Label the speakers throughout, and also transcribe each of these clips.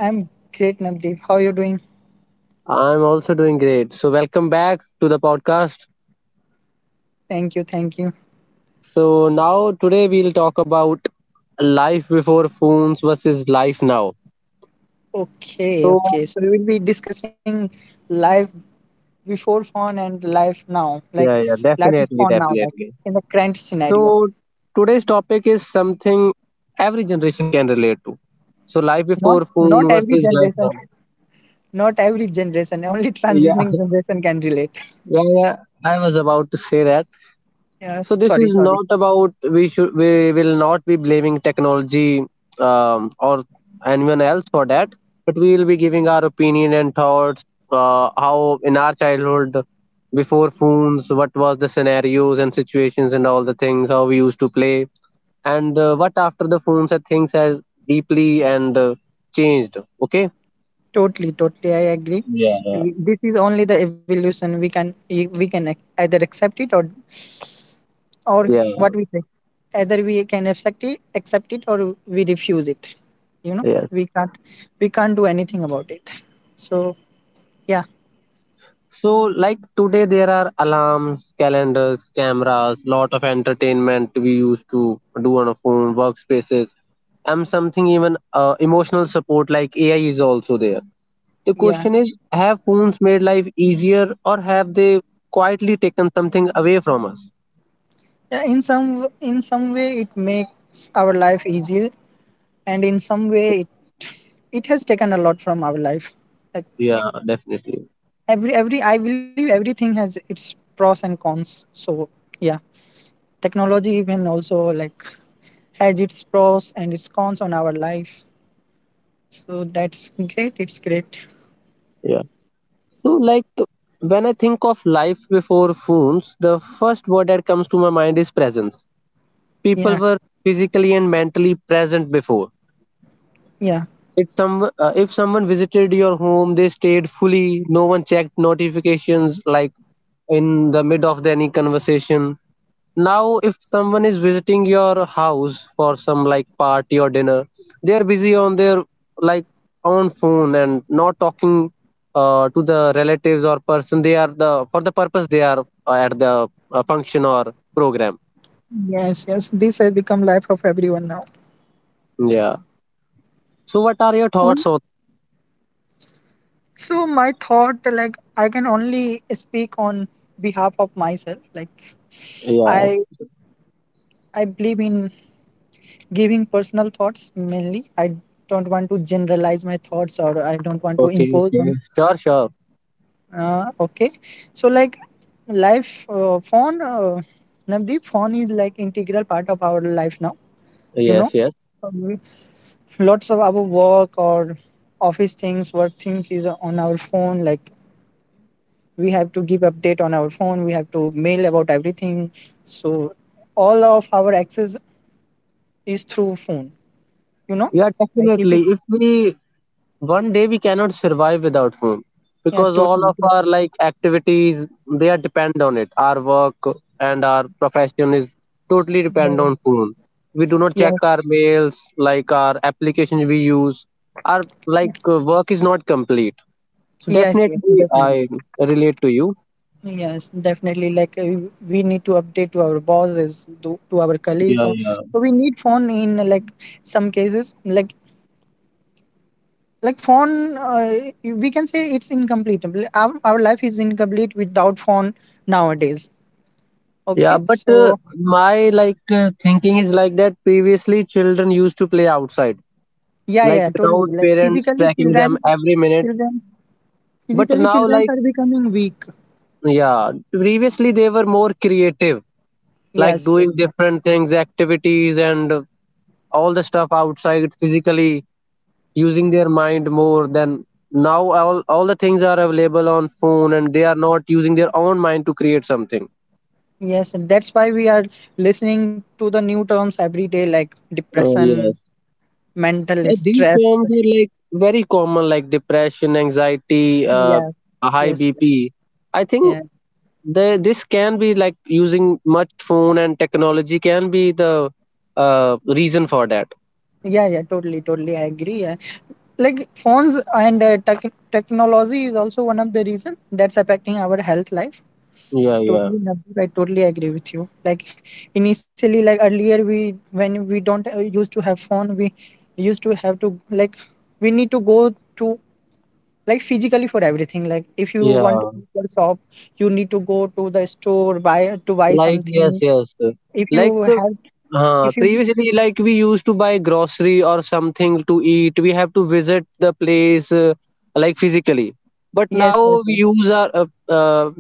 Speaker 1: I'm great, Navdeep. How are you doing?
Speaker 2: I'm also doing great. So welcome back to the podcast.
Speaker 1: Thank you, thank you.
Speaker 2: So now today we'll talk about life before phones versus life now.
Speaker 1: Okay,
Speaker 2: So
Speaker 1: okay. So we will be discussing life before phone and life now, like
Speaker 2: yeah, yeah,
Speaker 1: life with phone
Speaker 2: definitely,
Speaker 1: now, like
Speaker 2: definitely.
Speaker 1: in the current scenario.
Speaker 2: So today's topic is something every generation can relate to. So life
Speaker 1: Not
Speaker 2: before
Speaker 1: not
Speaker 2: phone
Speaker 1: every
Speaker 2: versus life now.
Speaker 1: generation, not every generation. Only
Speaker 2: Yeah,
Speaker 1: transitioning generation can relate.
Speaker 2: yeah, yeah. I was about to say that.
Speaker 1: Yeah,
Speaker 2: So this
Speaker 1: sorry,
Speaker 2: is
Speaker 1: sorry.
Speaker 2: not about we will not be blaming technology or anyone else for that, but we will be giving our opinion and thoughts. How in our childhood, before phones, what was the scenarios and situations and all the things how we used to play, and what after the phones and things have deeply and changed. Okay.
Speaker 1: Totally, totally. I agree.
Speaker 2: Yeah, yeah.
Speaker 1: This is only the evolution. We can e- we can ac- either accept it or
Speaker 2: Yeah.
Speaker 1: what we say, either we can accept it or we refuse it you know
Speaker 2: Yes.
Speaker 1: we can't we can't do anything about it, so yeah,
Speaker 2: So, like today, there are alarms, calendars, cameras, lot of entertainment we used to do on a phone, workspaces, and something even emotional support like AI is also there. The
Speaker 1: yeah.
Speaker 2: question is, have phones made life easier, or have they quietly taken something away from us?
Speaker 1: Yeah, in in some way it makes our life easier, and in some it has taken a lot from our life. Like,
Speaker 2: Yeah, definitely.
Speaker 1: every I believe everything has its pros and cons, so yeah, technology even also like has its pros and its cons on our life, so that's great, it's great.
Speaker 2: Yeah. So, like when I think of life before phones, the first word that comes to my mind is presence. People
Speaker 1: Yeah
Speaker 2: were physically and mentally present before.
Speaker 1: Yeah.
Speaker 2: If some if someone visited your home, they stayed fully. No one checked notifications like in the mid of the any conversation. Now, if someone is visiting your house for some like party or dinner, they are busy on their like own phone and not talking to the relatives or person. They are the for the purpose they are at the function or program.
Speaker 1: Yes, yes. This has become life of everyone now.
Speaker 2: Yeah. So, what are your
Speaker 1: On,
Speaker 2: thoughts on?
Speaker 1: so my thought, like, I can only speak on behalf of myself. Like,
Speaker 2: Yeah.
Speaker 1: I I believe in giving personal thoughts mainly. I don't want to generalize my thoughts, or I don't want to
Speaker 2: Okay.
Speaker 1: impose
Speaker 2: Okay.
Speaker 1: on,
Speaker 2: Sure. Sure.
Speaker 1: okay. So like, life phone Navdeep, phone is like integral part of our life now, you know.
Speaker 2: Yes. Yes.
Speaker 1: Lots of our work or office things, work things is on our phone, like we have to give update on our phone, we have to mail about everything, so all of our access is through phone, you know.
Speaker 2: Yeah,
Speaker 1: Like if it,
Speaker 2: definitely. If we one day we cannot survive without phone,
Speaker 1: yeah,
Speaker 2: because all
Speaker 1: totally,
Speaker 2: of our like activities they are depend on it. Our work and our profession is totally
Speaker 1: yeah,
Speaker 2: depend
Speaker 1: yeah.
Speaker 2: on phone. We do not check
Speaker 1: Yes,
Speaker 2: our mails, like our application we use. Our like work is not complete. So
Speaker 1: yes, yes,
Speaker 2: definitely,
Speaker 1: definitely,
Speaker 2: I relate to you.
Speaker 1: yes, definitely, like we need to update to our bosses, to our colleagues,
Speaker 2: Yeah,
Speaker 1: so
Speaker 2: yeah.
Speaker 1: so we need phone in like some cases, like phone we can say it's incomplete, our life is incomplete without phone nowadays,
Speaker 2: Yeah,
Speaker 1: okay,
Speaker 2: but
Speaker 1: so
Speaker 2: my like thinking is like that. Previously, children used to play outside
Speaker 1: yeah,
Speaker 2: like
Speaker 1: yeah, totally.
Speaker 2: without
Speaker 1: Like
Speaker 2: parents
Speaker 1: physically
Speaker 2: tracking
Speaker 1: children,
Speaker 2: them every minute.
Speaker 1: children,
Speaker 2: But
Speaker 1: physically
Speaker 2: now,
Speaker 1: children
Speaker 2: like,
Speaker 1: are becoming weak,
Speaker 2: yeah, previously they were more creative, like
Speaker 1: yes, yes,
Speaker 2: doing
Speaker 1: yes.
Speaker 2: different things, activities, and all the stuff outside physically, using their mind more than now. All the things are available on phone, and they are not using their own mind to create something.
Speaker 1: Yes, and that's why we are listening to the new terms every day, like
Speaker 2: Oh,
Speaker 1: depression,
Speaker 2: yes.
Speaker 1: mental
Speaker 2: These
Speaker 1: stress.
Speaker 2: terms are like very common, like depression, anxiety,
Speaker 1: Yeah.
Speaker 2: a high
Speaker 1: Yes, yes,
Speaker 2: BP. I think
Speaker 1: yeah,
Speaker 2: the this can be like using much phone and technology can be the reason for that.
Speaker 1: yeah, yeah, totally, totally, I agree. Like phones and technology is also one of the reason that's affecting our health life,
Speaker 2: Yeah, yeah,
Speaker 1: totally, Navdeep, I totally agree with you. Like initially, like earlier, we when we don't used to have phone, we used to have to like, we need to go to like physically for everything, like if you want to
Speaker 2: yeah.
Speaker 1: go to the shop, you need to go to the store, buy
Speaker 2: Like yes,
Speaker 1: something.
Speaker 2: yes.
Speaker 1: If you
Speaker 2: Like
Speaker 1: have, if you,
Speaker 2: previously, like we used to buy grocery or something to eat. We have to visit the place like physically. But now
Speaker 1: yes, yes,
Speaker 2: we
Speaker 1: yes,
Speaker 2: use our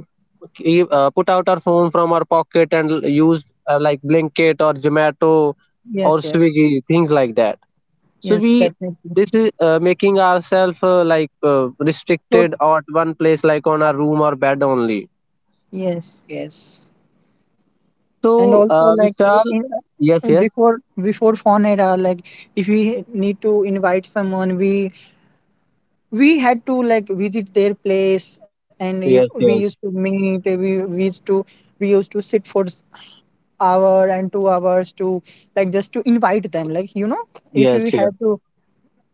Speaker 2: put out our phone from our pocket and use like Blinkit or Zomato or
Speaker 1: yes, yes,
Speaker 2: Swiggy things like that. So
Speaker 1: yes,
Speaker 2: we
Speaker 1: definitely,
Speaker 2: this is making ourselves like
Speaker 1: so
Speaker 2: restricted at one place like on our room or bed only.
Speaker 1: yes, yes. And
Speaker 2: So
Speaker 1: also like,
Speaker 2: Vishal,
Speaker 1: in
Speaker 2: yes, yes.
Speaker 1: before phone era, like if we need to invite someone, we had to like visit their place and you, we
Speaker 2: Yes,
Speaker 1: used to
Speaker 2: yes,
Speaker 1: meet we used to, we used to sit for hour and 2 hours to like just to invite them, like you know, if
Speaker 2: yes,
Speaker 1: we have
Speaker 2: yes.
Speaker 1: to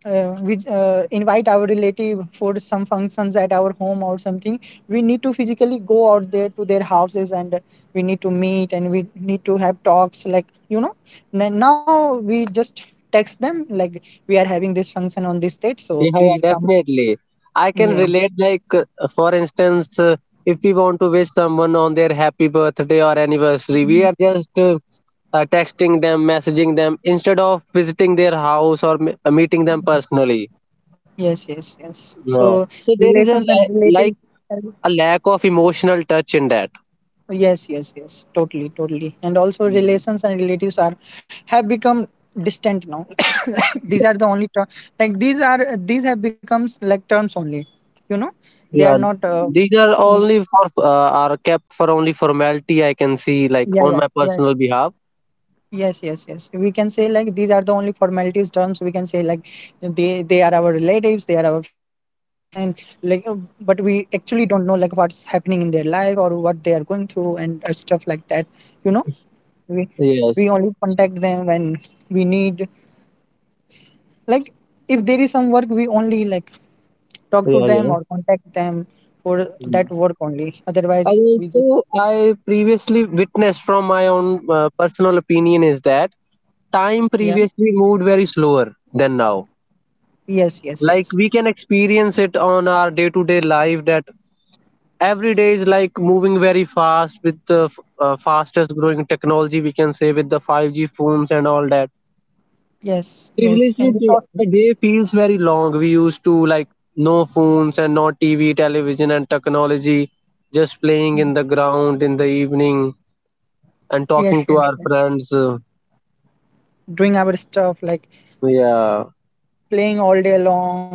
Speaker 1: we invite our relative for some functions at our home or something, we need to physically go out there to their houses, and we need to meet, and we need to have talks, like you know. Now we just text them like, we are having this function on this date, so
Speaker 2: Yeah, yeah,
Speaker 1: please come.
Speaker 2: definitely. I can
Speaker 1: Yeah,
Speaker 2: relate. Like, for instance, if we want to wish someone on their happy birthday or anniversary, we are just texting them, messaging them instead of visiting their house or meeting them personally.
Speaker 1: yes, yes, yes, so
Speaker 2: Yeah. So there is a
Speaker 1: relations and
Speaker 2: like
Speaker 1: relatives, and,
Speaker 2: a lack of emotional touch in that.
Speaker 1: yes, yes, yes, totally, totally. And also
Speaker 2: Mm.
Speaker 1: relations and relatives are have become distant now. These are the like these are, these have becomes like terms only, you know. They are
Speaker 2: Yeah,
Speaker 1: not
Speaker 2: these are
Speaker 1: mm,
Speaker 2: only for are kept for only formality. I can see, like,
Speaker 1: yeah, yeah,
Speaker 2: on my
Speaker 1: yeah,
Speaker 2: personal behalf.
Speaker 1: yes, yes, yes, we can say like these are the only formalities terms, we can say. Like they are our relatives, they are our friends, and like but we actually don't know like what's happening in their life or what they are going through and stuff like that, you know. We we
Speaker 2: Yes.
Speaker 1: only contact them when we need, like if there is some work, we only like talk to
Speaker 2: Yeah.
Speaker 1: them
Speaker 2: Yeah.
Speaker 1: or contact them for that
Speaker 2: Mm.
Speaker 1: work only.
Speaker 2: And
Speaker 1: Otherwise, we just
Speaker 2: also, I previously witnessed from my own personal opinion is that time
Speaker 1: yeah,
Speaker 2: previously moved very slower than now.
Speaker 1: yes, yes,
Speaker 2: Like
Speaker 1: yes,
Speaker 2: we
Speaker 1: yes,
Speaker 2: can experience it on our day to day life that every day is like moving very fast with the fastest growing technology, we can say, with the 5G phones and all that.
Speaker 1: yes, yes,
Speaker 2: Previously,
Speaker 1: and we
Speaker 2: the,
Speaker 1: thought,
Speaker 2: the day feels very long. We used to like no phones and no TV, television, and technology just playing in the ground in the evening and
Speaker 1: yes, yes,
Speaker 2: talking to
Speaker 1: yes,
Speaker 2: our friends.
Speaker 1: doing our stuff like
Speaker 2: Yeah,
Speaker 1: playing all day long.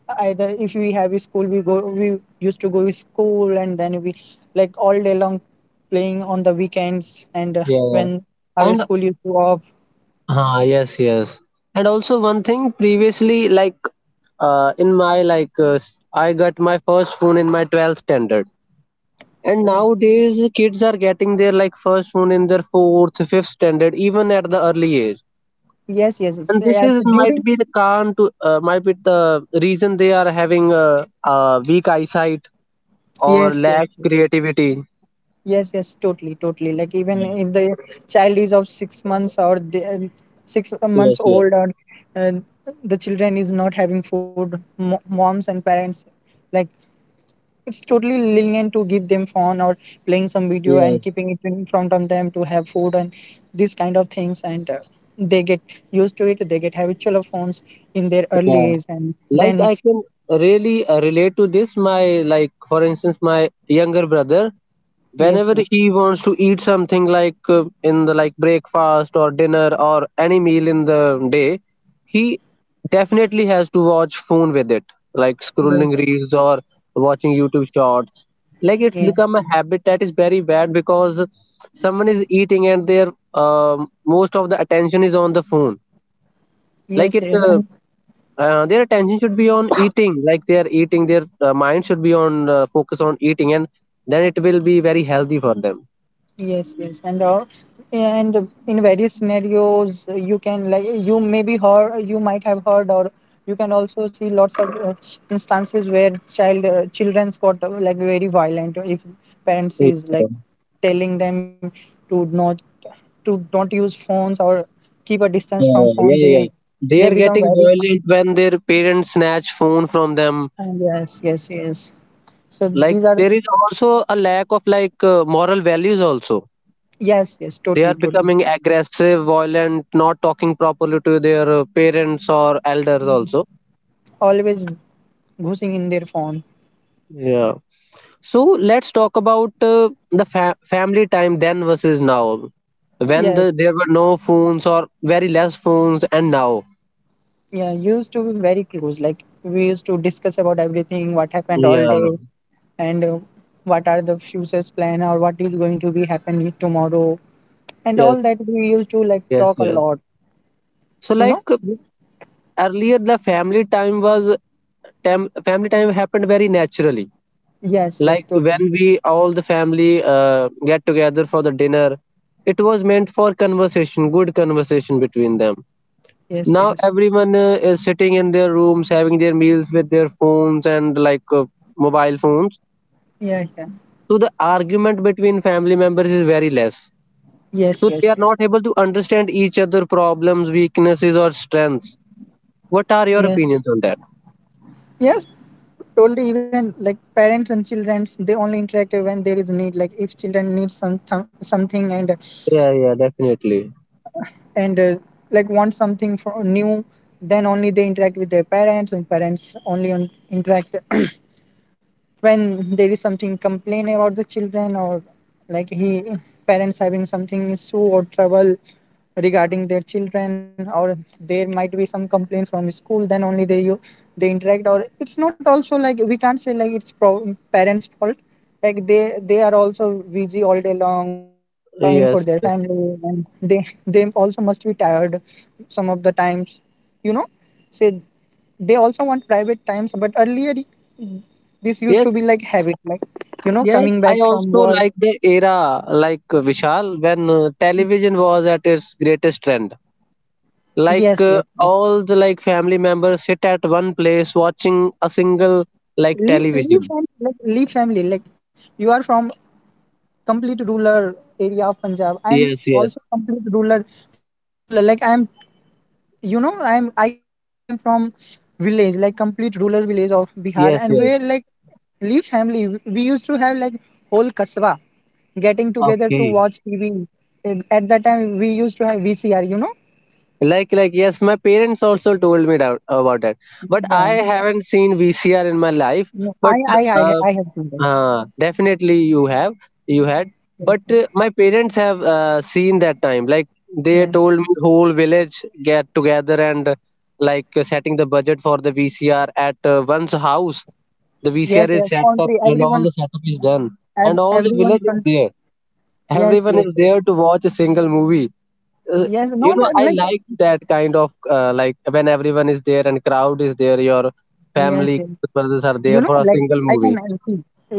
Speaker 1: Either if we have a school, we used to go to school, and then we like all day long, playing on the weekends, and
Speaker 2: yeah, yeah.
Speaker 1: when our
Speaker 2: And
Speaker 1: school used to off.
Speaker 2: yes, yes, and also one thing previously, like in my like I got my first phone in my 12th standard, and nowadays kids are getting their like first phone in their fourth, fifth standard, even at the early age.
Speaker 1: Yes, yes, yes,
Speaker 2: And this
Speaker 1: yes,
Speaker 2: is might
Speaker 1: during,
Speaker 2: be the can to might be the reason they are having a weak eyesight or
Speaker 1: yes, yes.
Speaker 2: lacks creativity.
Speaker 1: Yes, yes, totally, totally. Like even
Speaker 2: Yeah.
Speaker 1: if the child is of 6 months or 6 months
Speaker 2: Yes, yes,
Speaker 1: old, or uh, the children is not having food, mo moms and parents, like, it's totally lenient to give them phone or playing some video and
Speaker 2: yes,
Speaker 1: keeping it in front of them to have food and these kind of things, and they get used to it. They get habitual of phones in their
Speaker 2: yeah.
Speaker 1: early age, and
Speaker 2: Like
Speaker 1: then
Speaker 2: I can really relate to this, my like for instance my younger brother
Speaker 1: yes,
Speaker 2: whenever he wants to eat something like in the like breakfast or dinner or any meal in the day he definitely has to watch phone with it, like
Speaker 1: yes,
Speaker 2: scrolling reels or watching youtube shorts. Like it's
Speaker 1: yes,
Speaker 2: become a habit that is very bad because someone is eating and their most of the attention is on the phone.
Speaker 1: yes,
Speaker 2: Like it
Speaker 1: yes.
Speaker 2: their attention should be on eating, like they are eating their mind should be on focus on eating and then it will be very healthy for them.
Speaker 1: Yes, yes, and in various scenarios, you can like, you maybe heard, you might have heard, or you can also see lots of instances where children's got like very violent if parents
Speaker 2: Yeah,
Speaker 1: is like telling them to not to don't use phones or keep a distance from
Speaker 2: yeah,
Speaker 1: phone.
Speaker 2: yeah. Yeah. They
Speaker 1: They
Speaker 2: are
Speaker 1: become
Speaker 2: getting
Speaker 1: very,
Speaker 2: violent when their parents snatch phone from them.
Speaker 1: yes, yes, yes. So
Speaker 2: Like
Speaker 1: these are,
Speaker 2: there is also a lack of like moral values also.
Speaker 1: yes, yes,
Speaker 2: They are
Speaker 1: totally, totally.
Speaker 2: becoming aggressive violent, not talking properly to their parents or elders also.
Speaker 1: Always goosing in their phone.
Speaker 2: Yeah. So let's talk about the family time then versus now. When
Speaker 1: Yes.
Speaker 2: the, there were no phones or very less phones, and now.
Speaker 1: Yeah, used to be very close. Like we used to discuss about everything, what happened all
Speaker 2: Yeah.
Speaker 1: day, and what are the future's plan or what is going to be happening tomorrow, and
Speaker 2: Yes.
Speaker 1: all that. We used to like
Speaker 2: Yes.
Speaker 1: talk a
Speaker 2: Yes.
Speaker 1: lot.
Speaker 2: So
Speaker 1: You
Speaker 2: like
Speaker 1: know?
Speaker 2: earlier, the family time was family time happened very naturally.
Speaker 1: Yes, yes,
Speaker 2: Like
Speaker 1: totally.
Speaker 2: when we all the family get together for the dinner, it was meant for conversation, good conversation between them.
Speaker 1: Yes,
Speaker 2: Now
Speaker 1: yes.
Speaker 2: everyone is sitting in their rooms having their meals with their phones and like mobile phones.
Speaker 1: Yeah, yeah.
Speaker 2: So the argument between family members is very less.
Speaker 1: Yes,
Speaker 2: So they
Speaker 1: yes,
Speaker 2: are
Speaker 1: yes.
Speaker 2: not able to understand each other problems, weaknesses or strengths. What are your
Speaker 1: Yes,
Speaker 2: opinions on that?
Speaker 1: yes. Totally. Even like parents and children, they only interact when there is need. Like if children need some something and
Speaker 2: Yeah, yeah, definitely.
Speaker 1: and like want something for new, then only they interact with their parents, and parents only on interact when there is something complain about the children or like he, parents having something issue or trouble regarding their children, or there might be some complaint from school, then only they you they interact. Or it's not also like, we can't say like it's parents fault. Like they are also busy all day long earning for their
Speaker 2: Yes. Yes,
Speaker 1: family, and they also must be tired some of the times, you know, say they also want private times. But earlier, this used
Speaker 2: yes.
Speaker 1: to be like habit, like, you know,
Speaker 2: Yes,
Speaker 1: coming
Speaker 2: I
Speaker 1: back from
Speaker 2: also
Speaker 1: work,
Speaker 2: like the era like Vishal when television was at its greatest trend. Like
Speaker 1: yes, yes, yes.
Speaker 2: all the like family members sit at one place watching a single like
Speaker 1: Leave,
Speaker 2: television.
Speaker 1: leave family, like leave family, like you are from complete rural area of Punjab, I am
Speaker 2: Yes, yes,
Speaker 1: also complete rural, from rural, like I am, you know, I am, I can say I am from village, like complete rural village of Bihar,
Speaker 2: yes,
Speaker 1: and
Speaker 2: yes,
Speaker 1: where like leave family, we used to have like whole kasba getting together to
Speaker 2: okay.
Speaker 1: watch TV. And at that time we used to have VCR, you know.
Speaker 2: Like, yes, my parents also told me that, about that, but I
Speaker 1: Yeah.
Speaker 2: haven't seen VCR in my life.
Speaker 1: Yeah,
Speaker 2: But
Speaker 1: I
Speaker 2: uh,
Speaker 1: I have seen that.
Speaker 2: definitely you have, you had, but my parents have seen that time. Like they
Speaker 1: Well,
Speaker 2: told me whole village get together and like setting the budget for the vcr at one's house. The VCR
Speaker 1: yes,
Speaker 2: is
Speaker 1: yes,
Speaker 2: set up
Speaker 1: country,
Speaker 2: and all
Speaker 1: everyone,
Speaker 2: the setup is done. And all the
Speaker 1: everyone,
Speaker 2: village is there.
Speaker 1: yes,
Speaker 2: Everyone
Speaker 1: yes,
Speaker 2: is
Speaker 1: yes,
Speaker 2: there to watch a single movie. Uh,
Speaker 1: yes,
Speaker 2: you
Speaker 1: not
Speaker 2: know, I
Speaker 1: like,
Speaker 2: like that kind of like when everyone is there and crowd is there, your
Speaker 1: yes,
Speaker 2: family
Speaker 1: yes,
Speaker 2: brothers are
Speaker 1: you
Speaker 2: there
Speaker 1: know,
Speaker 2: for a
Speaker 1: like,
Speaker 2: single
Speaker 1: I can
Speaker 2: movie.
Speaker 1: see, uh,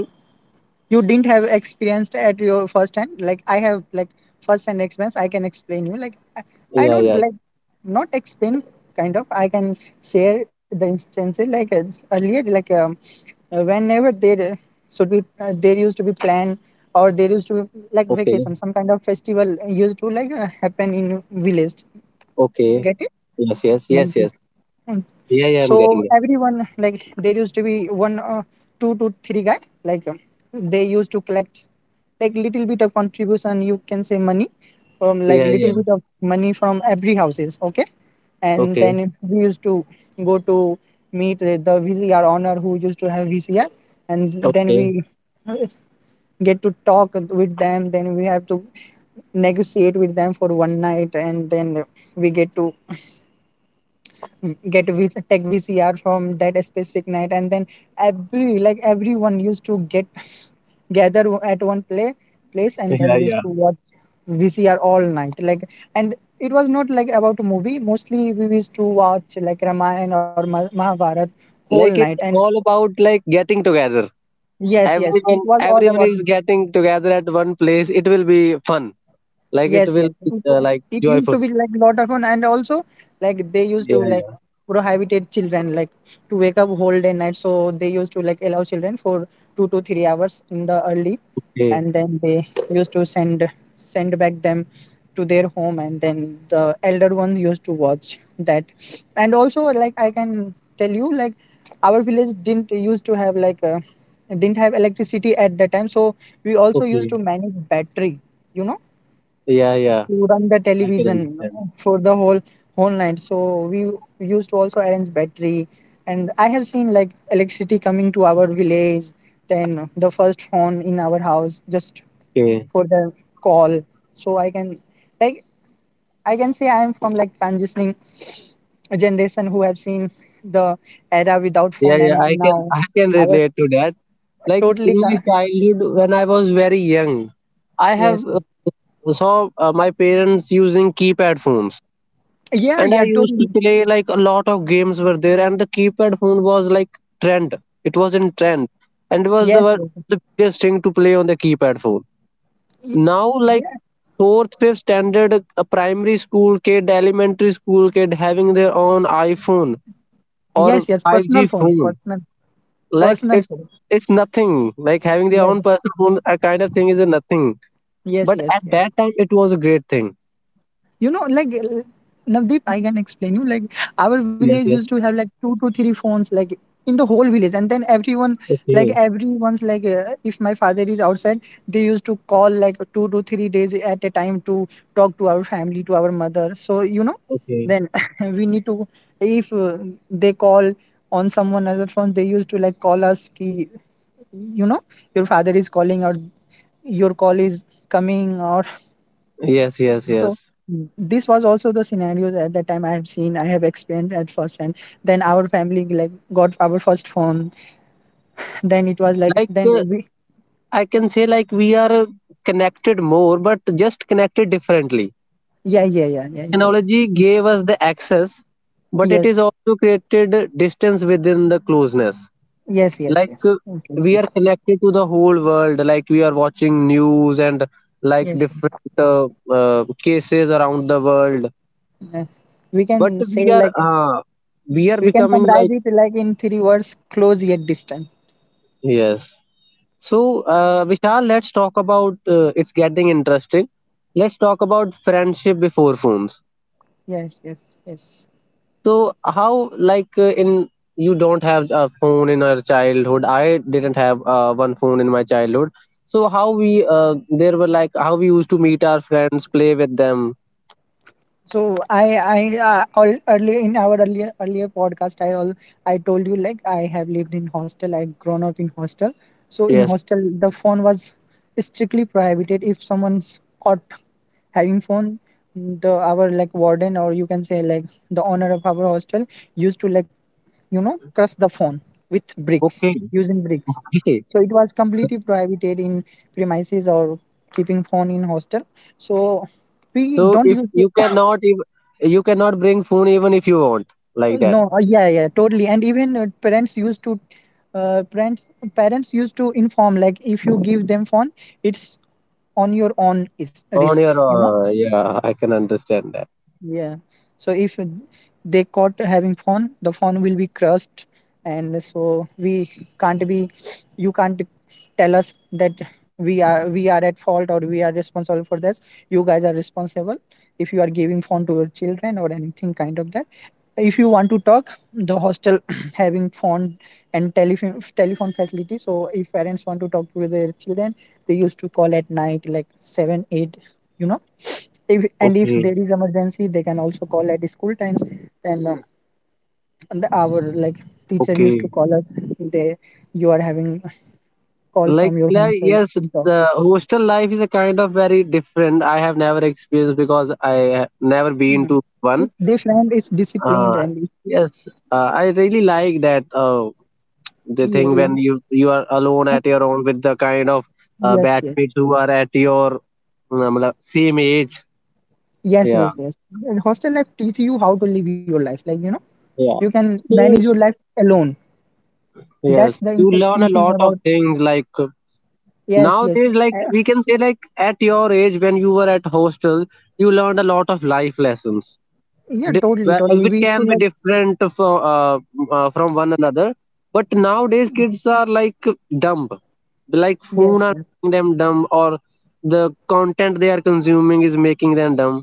Speaker 1: you didn't have experienced at your first hand, like I have like first hand experience. I can explain you, like I
Speaker 2: Yeah,
Speaker 1: don't
Speaker 2: yeah.
Speaker 1: like not explain kind of, I can share the instances like earlier like whenever there should be there used to be plan, or there used to be like
Speaker 2: Okay,
Speaker 1: vacation, some kind of festival used to like happen in village,
Speaker 2: okay.
Speaker 1: get it.
Speaker 2: Yes, yes, yes, yes. Yeah, yeah, I'm
Speaker 1: So
Speaker 2: getting that.
Speaker 1: everyone like there used to be one, two to three guy like they used to collect like little bit of contribution, you can say money, from like
Speaker 2: Yeah,
Speaker 1: little
Speaker 2: yeah.
Speaker 1: bit of money from every houses, okay, and
Speaker 2: Okay,
Speaker 1: then we used to go to meet the VCR owner who used to have VCR. And then
Speaker 2: okay.
Speaker 1: we uh, get to talk with them, then we have to negotiate with them for one night, and then we get to get v- tech VCR from that specific night, and then every like everyone used to get gather at one play place, and then
Speaker 2: Yeah,
Speaker 1: we used
Speaker 2: yeah.
Speaker 1: to watch VCR all night. Like, and it was not like about a movie. Mostly we used to watch like Ramayana or Mahabharat whole
Speaker 2: Like
Speaker 1: night.
Speaker 2: it's
Speaker 1: And
Speaker 2: all about like getting together.
Speaker 1: yes, yes, it
Speaker 2: Everyone,
Speaker 1: was all
Speaker 2: everyone
Speaker 1: about,
Speaker 2: is getting together at one place. It will be fun. Like it
Speaker 1: yes,
Speaker 2: will
Speaker 1: yes.
Speaker 2: be like
Speaker 1: It used
Speaker 2: joyful.
Speaker 1: to be like lot of fun, and also like they used
Speaker 2: Yeah,
Speaker 1: to like
Speaker 2: yeah.
Speaker 1: prohibited children like to wake up whole day night. So they used to like allow children for 2 to 3 hours in the early,
Speaker 2: Okay,
Speaker 1: and then they used to send back them to their home, and then the elder ones used to watch that. And also like I can tell you like our village didn't used to have like didn't have electricity at that time, so we also used
Speaker 2: okay.
Speaker 1: to manage battery, you know,
Speaker 2: Yeah, yeah.
Speaker 1: to run the
Speaker 2: I can
Speaker 1: television
Speaker 2: understand.
Speaker 1: for the whole night. So we used to also arrange battery, and I have seen like electricity coming to our village, then the first phone in our house just
Speaker 2: Okay.
Speaker 1: for the call. So like I can say I am from like transitioning generation who have seen the era without
Speaker 2: Yeah,
Speaker 1: phone
Speaker 2: yeah.
Speaker 1: and now
Speaker 2: I can
Speaker 1: our
Speaker 2: relate to that. Like in
Speaker 1: totally
Speaker 2: my
Speaker 1: co-
Speaker 2: childhood, when I was very young, I have
Speaker 1: yes, yes.
Speaker 2: saw my parents using keypad phones,
Speaker 1: Yeah,
Speaker 2: and I
Speaker 1: yeah,
Speaker 2: used to
Speaker 1: totally,
Speaker 2: play like a lot of games were there, and the keypad phone was like trend. It was in trend, and it was
Speaker 1: yes, yes.
Speaker 2: the biggest thing to play on the keypad phone.
Speaker 1: Y-
Speaker 2: Now, like
Speaker 1: yeah,
Speaker 2: fourth fifth standard, a primary school kid, elementary school kid having their own iphone
Speaker 1: yes,
Speaker 2: or
Speaker 1: yes, personal
Speaker 2: 5G
Speaker 1: phone,
Speaker 2: phone,
Speaker 1: personal.
Speaker 2: like
Speaker 1: Personal food.
Speaker 2: it's nothing. Like having their
Speaker 1: Yes,
Speaker 2: own personal phone a kind of thing is a nothing,
Speaker 1: yes,
Speaker 2: but at
Speaker 1: yes, yes.
Speaker 2: that time it was a great thing.
Speaker 1: You know, like Navdeep, I can explain you. Like our village
Speaker 2: Yes,
Speaker 1: used
Speaker 2: yes,
Speaker 1: to have like two to three phones, like in the whole village, and then everyone, like
Speaker 2: okay,
Speaker 1: everyone's, like if my father is outside, they used to call like 2 to 3 days at a time to talk to our family, to our mother. So you know,
Speaker 2: okay,
Speaker 1: then we need to if they call on someone other phone, they used to like call us, ki, you know, your father is calling or your call is coming, or
Speaker 2: yes, yes, yes.
Speaker 1: so. Mm. This was also the scenarios at that time. I have seen, I have experienced at first, and then our family like got our first phone, then it was like
Speaker 2: Like
Speaker 1: then we
Speaker 2: I can say like we are connected more but just connected differently.
Speaker 1: yeah, yeah, yeah, yeah, yeah, yeah,
Speaker 2: Technology gave us the access but it
Speaker 1: yes,
Speaker 2: is also created distance within the closeness.
Speaker 1: yes, yes,
Speaker 2: Like
Speaker 1: yes, okay,
Speaker 2: we
Speaker 1: okay,
Speaker 2: are connected to the whole world like we are watching news and like
Speaker 1: yes,
Speaker 2: different cases around the world,
Speaker 1: yeah. We
Speaker 2: but
Speaker 1: can say like
Speaker 2: we are
Speaker 1: we can
Speaker 2: becoming
Speaker 1: summarize
Speaker 2: like
Speaker 1: it like in three words: close yet distant.
Speaker 2: yes. So Vishal, let's talk about it's getting interesting. Let's talk about friendship before phones.
Speaker 1: Yes, yes, yes.
Speaker 2: So how like in you don't have a phone in our childhood. I didn't have one phone in my childhood. So how we there were like how we used to meet our friends, play with them.
Speaker 1: So I earlier in our earlier podcast, I told you like I have lived in hostel, I grown up in hostel, so in
Speaker 2: Yes.
Speaker 1: hostel the phone was strictly prohibited. If someone's caught having phone, the, our like warden, or you can say like the owner of our hostel, used to like, you know, crush the phone with bricks,
Speaker 2: Okay.
Speaker 1: using bricks.
Speaker 2: Okay.
Speaker 1: So it was completely prohibited in premises, or keeping phone in hostel, so we
Speaker 2: So
Speaker 1: don't
Speaker 2: if
Speaker 1: use.
Speaker 2: you cannot if you cannot bring phone even if you want like that
Speaker 1: No, yeah, yeah, totally. And even parents used to, uh, parents parents used to inform like if you give them phone, it's on your own is
Speaker 2: on
Speaker 1: risk.
Speaker 2: your
Speaker 1: You know,
Speaker 2: yeah, I can understand that.
Speaker 1: yeah. So if they caught having phone, the phone will be crushed, and so we can't be. You can't tell us that we are at fault or we are responsible for this. You guys are responsible if you are giving phone to your children or anything kind of that. If you want to talk, the hostel having phone and telephone facility. So if parents want to talk to their children, they used to call at night like 7 8. You know, if and if
Speaker 2: Okay.
Speaker 1: there is emergency they can also call at school times, then and the, our like teacher used to
Speaker 2: Okay.
Speaker 1: call us. They, you are having call from your home so you can
Speaker 2: Yes,
Speaker 1: talk.
Speaker 2: the hostel life is a kind of very different. I have never experienced because I have never
Speaker 1: Mm.
Speaker 2: been to
Speaker 1: It's
Speaker 2: one.
Speaker 1: different, it's disciplined,
Speaker 2: uh,
Speaker 1: and
Speaker 2: yes, I really like that, the
Speaker 1: you,
Speaker 2: thing when you are alone
Speaker 1: must-
Speaker 2: at your own with the kind of
Speaker 1: yes, yes,
Speaker 2: batchmates who are at your same age.
Speaker 1: yes,
Speaker 2: Yeah,
Speaker 1: yes, yes. And hostel life teach you how to live your life, like you know, you
Speaker 2: yeah.
Speaker 1: can manage your
Speaker 2: So
Speaker 1: life alone. That's the
Speaker 2: yes, you
Speaker 1: interesting
Speaker 2: learn a
Speaker 1: thing
Speaker 2: lot
Speaker 1: about,
Speaker 2: of things, like
Speaker 1: yes, yes,
Speaker 2: nowadays, like
Speaker 1: uh,
Speaker 2: we can say, like at your age when you were at hostel, you learned a lot of life lessons.
Speaker 1: yeah,
Speaker 2: di-
Speaker 1: totally totally We
Speaker 2: which
Speaker 1: used to
Speaker 2: can be
Speaker 1: like,
Speaker 2: different from one another. But nowadays kids are like dumb, like
Speaker 1: yes,
Speaker 2: phone
Speaker 1: yes,
Speaker 2: are making them dumb, or the content they are consuming is making them dumb.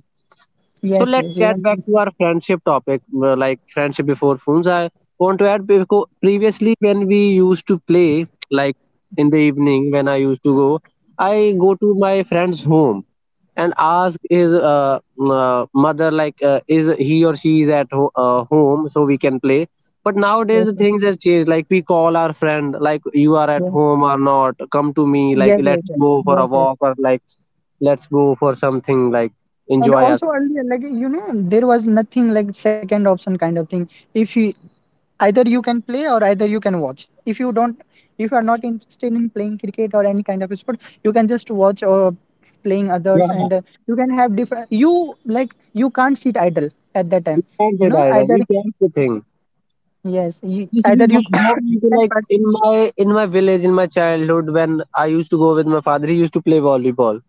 Speaker 1: yes,
Speaker 2: So
Speaker 1: yes,
Speaker 2: let's
Speaker 1: you can,
Speaker 2: get back to our friendship topic. Like friendship before phones, I want to add, because previously when we used to play, like in the evening, when I used to go, I go to my friend's home and ask his mother like, is he or she is at home so we can play. But nowadays
Speaker 1: yes,
Speaker 2: the
Speaker 1: yes,
Speaker 2: things has changed, like we call our friend like, you are at
Speaker 1: yes.
Speaker 2: home or not, come to me,
Speaker 1: Yes,
Speaker 2: like
Speaker 1: yes, yes,
Speaker 2: let's go
Speaker 1: yes,
Speaker 2: for a
Speaker 1: yes.
Speaker 2: walk or like let's go for something, like
Speaker 1: And
Speaker 2: enjoy our.
Speaker 1: also earlier, like you know, there was nothing like second option kind of thing. If you, either you can play or either you can watch. If you don't, if you are not interested in playing cricket or any kind of sport, you can just watch or playing
Speaker 2: Yeah,
Speaker 1: others,
Speaker 2: yeah.
Speaker 1: and you can have different. You like you can't sit idle at that
Speaker 2: You
Speaker 1: time.
Speaker 2: can't say
Speaker 1: No,
Speaker 2: that that
Speaker 1: either,
Speaker 2: is that's say thing.
Speaker 1: yes, you,
Speaker 2: This we
Speaker 1: either
Speaker 2: not
Speaker 1: you
Speaker 2: not
Speaker 1: you
Speaker 2: into,
Speaker 1: can
Speaker 2: like
Speaker 1: pass.
Speaker 2: in my village, in my childhood when I used to go with my father, he used to play volleyball,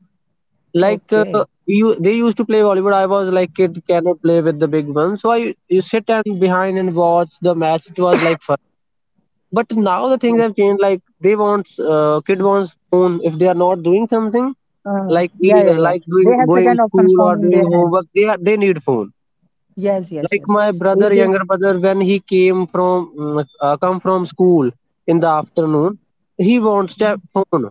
Speaker 1: Okay.
Speaker 2: you, they used to play volleyball. I was like kid, cannot play with the big ones, so I, you sit and behind and watch the match, it was like fun. But now the
Speaker 1: Yes.
Speaker 2: things have changed, like they want, kid wants phone if they are not doing something, like we
Speaker 1: Yeah, yeah, yeah.
Speaker 2: like doing
Speaker 1: They have
Speaker 2: going
Speaker 1: second option
Speaker 2: school
Speaker 1: phone
Speaker 2: or
Speaker 1: in
Speaker 2: doing
Speaker 1: their hand.
Speaker 2: homework, they need phone.
Speaker 1: Yes, yes,
Speaker 2: Like
Speaker 1: yes.
Speaker 2: my brother,
Speaker 1: If they,
Speaker 2: younger brother, when he came from come from school in the afternoon, he wants a phone.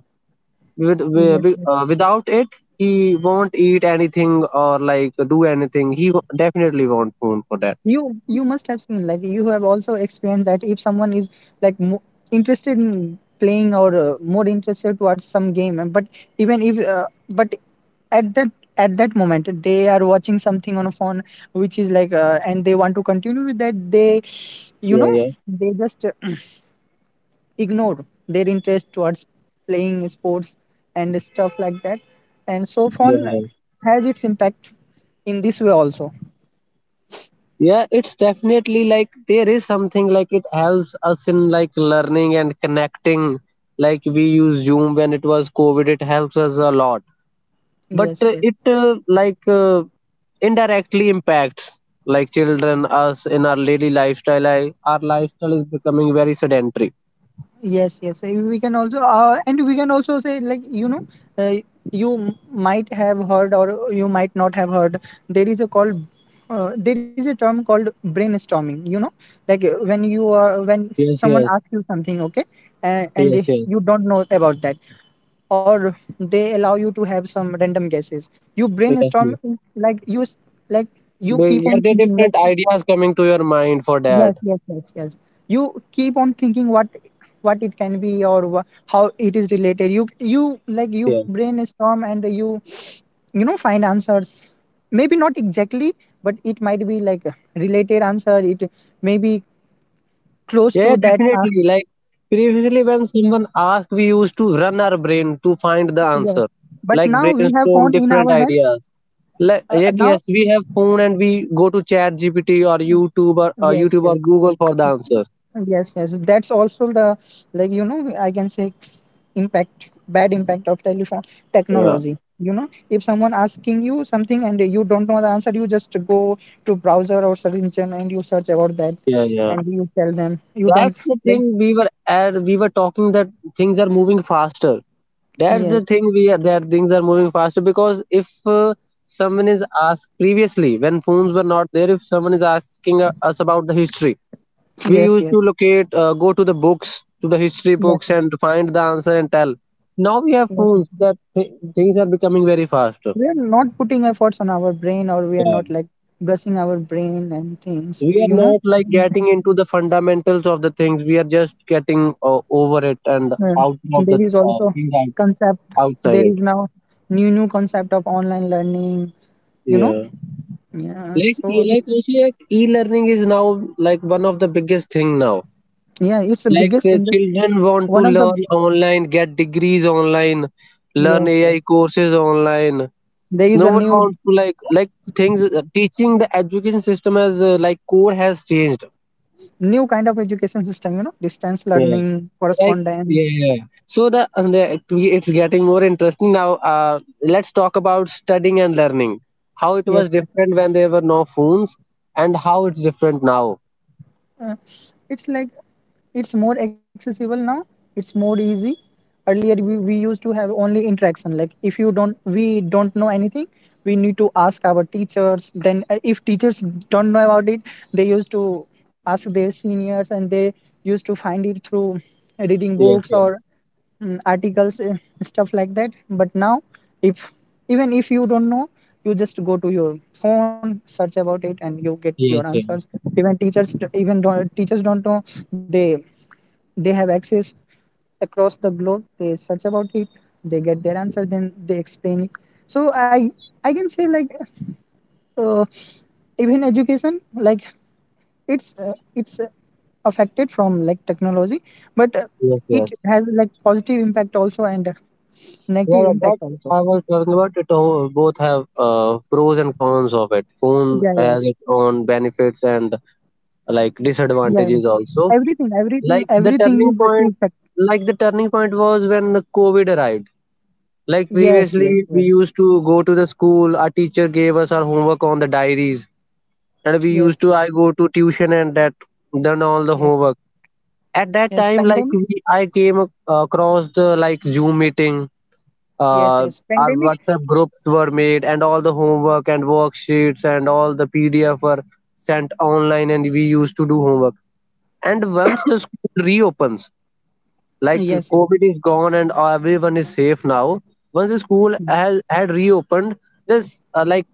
Speaker 2: With, wi-
Speaker 1: yes,
Speaker 2: wi-
Speaker 1: yes.
Speaker 2: without it he won't eat anything or like do anything. He definitely won't phone for that.
Speaker 1: You must have seen, like you have also experienced, that if someone is like mo interested in playing or more interested towards some game, and but even if but at that at that moment they are watching something on a phone which is like and they want to continue with that, they, you
Speaker 2: Yeah,
Speaker 1: know,
Speaker 2: yeah,
Speaker 1: they just ignore their interest towards playing sports and stuff like that, and so
Speaker 2: yeah,
Speaker 1: phone
Speaker 2: yeah,
Speaker 1: has its impact in this way also,
Speaker 2: yeah. It's definitely, like there is something, like it helps us in like learning and connecting. Like we use Zoom when it was COVID, it helps us a lot. But
Speaker 1: yes, yes.
Speaker 2: it like indirectly impacts like children, us, in our daily lifestyle. I, our lifestyle is becoming very sedentary.
Speaker 1: Yes, yes. We can also, and we can also say, like, you know, uh, you might have heard or you might not have heard, there is a called, there is a term called brainstorming, you know, like when you are, when
Speaker 2: Yes,
Speaker 1: someone
Speaker 2: yes,
Speaker 1: asks you something, okay,
Speaker 2: yes,
Speaker 1: and
Speaker 2: yes,
Speaker 1: you don't know about that, or they allow you to have some random guesses. You
Speaker 2: yes,
Speaker 1: brainstorm,
Speaker 2: yes.
Speaker 1: like, you, like, you
Speaker 2: They-
Speaker 1: keep on
Speaker 2: yeah, there are
Speaker 1: thinking, like,
Speaker 2: different ideas coming to your mind for that.
Speaker 1: yes, yes, yes, yes. You keep on thinking what it can be, or how it is related. You like you
Speaker 2: Yes.
Speaker 1: brainstorm and you know, find answers. Maybe not exactly, but it might be like a related answer. It may be close
Speaker 2: Yeah,
Speaker 1: to that.
Speaker 2: definitely. Like previously, when someone asked, we used to run our brain to find the
Speaker 1: Yes.
Speaker 2: answer,
Speaker 1: But
Speaker 2: like
Speaker 1: now we have
Speaker 2: brainstorm
Speaker 1: phone in
Speaker 2: different
Speaker 1: our hand.
Speaker 2: ideas.
Speaker 1: Now
Speaker 2: Yes, we have phone and we go to Chat GPT or YouTube or
Speaker 1: yes,
Speaker 2: YouTube or
Speaker 1: yes,
Speaker 2: Google for the answers.
Speaker 1: yes, yes. That's also the, like you know I can say, impact, bad impact of telephone
Speaker 2: Yeah.
Speaker 1: technology. You know, if someone asking you something and you don't know the answer, you just go to browser or search engine and you search about that
Speaker 2: Yeah, yeah.
Speaker 1: and you tell them you don't,
Speaker 2: That's the
Speaker 1: like,
Speaker 2: thing we were at, we were talking that things are moving faster. That's the
Speaker 1: yes,
Speaker 2: thing we are, that things are moving faster, because if someone is asked, previously when phones were not there, if someone is asking us about the history, we
Speaker 1: yes,
Speaker 2: used
Speaker 1: yes,
Speaker 2: to locate, go to the books, to the history
Speaker 1: yes
Speaker 2: books,
Speaker 1: sir,
Speaker 2: and find the answer and tell. Now we have
Speaker 1: yes sir.
Speaker 2: phones that things are becoming very faster.
Speaker 1: We are not putting efforts on our brain, or we are not like brushing our brain and things,
Speaker 2: We are
Speaker 1: you know.
Speaker 2: not like getting into the fundamentals of the things, we are just getting over it and
Speaker 1: Uh,
Speaker 2: out of the
Speaker 1: there is also
Speaker 2: things out,
Speaker 1: concept,
Speaker 2: outside
Speaker 1: there
Speaker 2: it.
Speaker 1: is now new concept of online learning, you know,
Speaker 2: Yeah,
Speaker 1: yeah,
Speaker 2: like e-
Speaker 1: so.
Speaker 2: like also like e-learning is now like one of the biggest thing now.
Speaker 1: Yeah, it's the
Speaker 2: Like the
Speaker 1: biggest in the,
Speaker 2: children
Speaker 1: one
Speaker 2: want
Speaker 1: of
Speaker 2: to
Speaker 1: the,
Speaker 2: learn online, get degrees online, learn
Speaker 1: yes, yes.
Speaker 2: AI courses online.
Speaker 1: There is
Speaker 2: No
Speaker 1: a
Speaker 2: one
Speaker 1: new
Speaker 2: wants to things, teaching, the education system as like core has changed.
Speaker 1: new kind of education system, you know, distance
Speaker 2: Yeah.
Speaker 1: learning,
Speaker 2: Like
Speaker 1: correspondence.
Speaker 2: yeah, yeah, yeah. So the, and the, it's getting more interesting now. Let's talk about studying and learning. How it was
Speaker 1: Yes, yes.
Speaker 2: different when there were no phones, and how it's different now.
Speaker 1: Uh, it's like it's more accessible now. It's more easy. Earlier we used to have only interaction. Like if you don't, we don't know anything, we need to ask our teachers. Then if teachers don't know about it, they used to ask their seniors and they used to find it through reading
Speaker 2: Yes,
Speaker 1: books
Speaker 2: yes,
Speaker 1: or mm, articles and stuff like that, but now if even if you don't know, you just go to your phone, search about it and you get your
Speaker 2: yes, yes,
Speaker 1: answers. Even teachers even don't, teachers don't know, they they have access across the globe, they search about it, they get their answer, then they explain it. So I can say like uh, even education like, it's affected from like technology, but
Speaker 2: yes,
Speaker 1: it
Speaker 2: yes.
Speaker 1: has like positive impact also and negative
Speaker 2: Well,
Speaker 1: impact
Speaker 2: that,
Speaker 1: also,
Speaker 2: I was talking about it. Both have pros and cons of it. Phone
Speaker 1: yeah, yeah,
Speaker 2: has its own benefits and like
Speaker 1: yeah, yeah.
Speaker 2: disadvantages also.
Speaker 1: everything everything
Speaker 2: Like the
Speaker 1: everything
Speaker 2: turning
Speaker 1: is
Speaker 2: point,
Speaker 1: impact,
Speaker 2: like the turning point was when the COVID arrived. Like
Speaker 1: yes, yes,
Speaker 2: previously,
Speaker 1: yes,
Speaker 2: we used to go to the school. Our teacher gave us our homework on the diaries, and we
Speaker 1: yes,
Speaker 2: used
Speaker 1: yes,
Speaker 2: to, I go to tuition and that done all the
Speaker 1: yes,
Speaker 2: homework. At
Speaker 1: yes
Speaker 2: that time,
Speaker 1: pandemic,
Speaker 2: like we, I came across the like Zoom meeting.
Speaker 1: yes, yes
Speaker 2: Uh, our
Speaker 1: pandemic,
Speaker 2: WhatsApp groups were made, and all the homework and worksheets and all the PDF were sent online, and we used to do homework. And once the school reopens, like
Speaker 1: yes, yes,
Speaker 2: COVID is gone and everyone is safe now, once the school has had reopened, this, like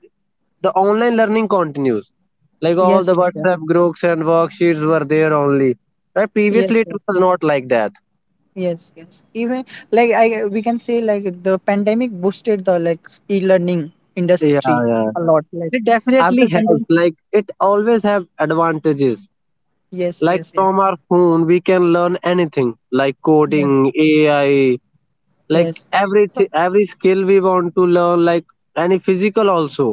Speaker 2: the online learning continues, like all
Speaker 1: yes,
Speaker 2: the
Speaker 1: yes,
Speaker 2: WhatsApp groups and worksheets were there only. Right, previously
Speaker 1: yes,
Speaker 2: it
Speaker 1: yes.
Speaker 2: was not like that.
Speaker 1: Yes, yes. Even like I, we can say like the pandemic boosted the like e-learning
Speaker 2: Yeah,
Speaker 1: industry
Speaker 2: yeah,
Speaker 1: a
Speaker 2: yeah.
Speaker 1: lot. Like
Speaker 2: It
Speaker 1: after
Speaker 2: definitely
Speaker 1: pandemic,
Speaker 2: helps, like it always have advantages,
Speaker 1: yes,
Speaker 2: like
Speaker 1: yes, yes,
Speaker 2: from our phone we can learn anything, like
Speaker 1: yes,
Speaker 2: coding, AI, like
Speaker 1: yes. So
Speaker 2: everything, every skill we want to learn, like any physical also.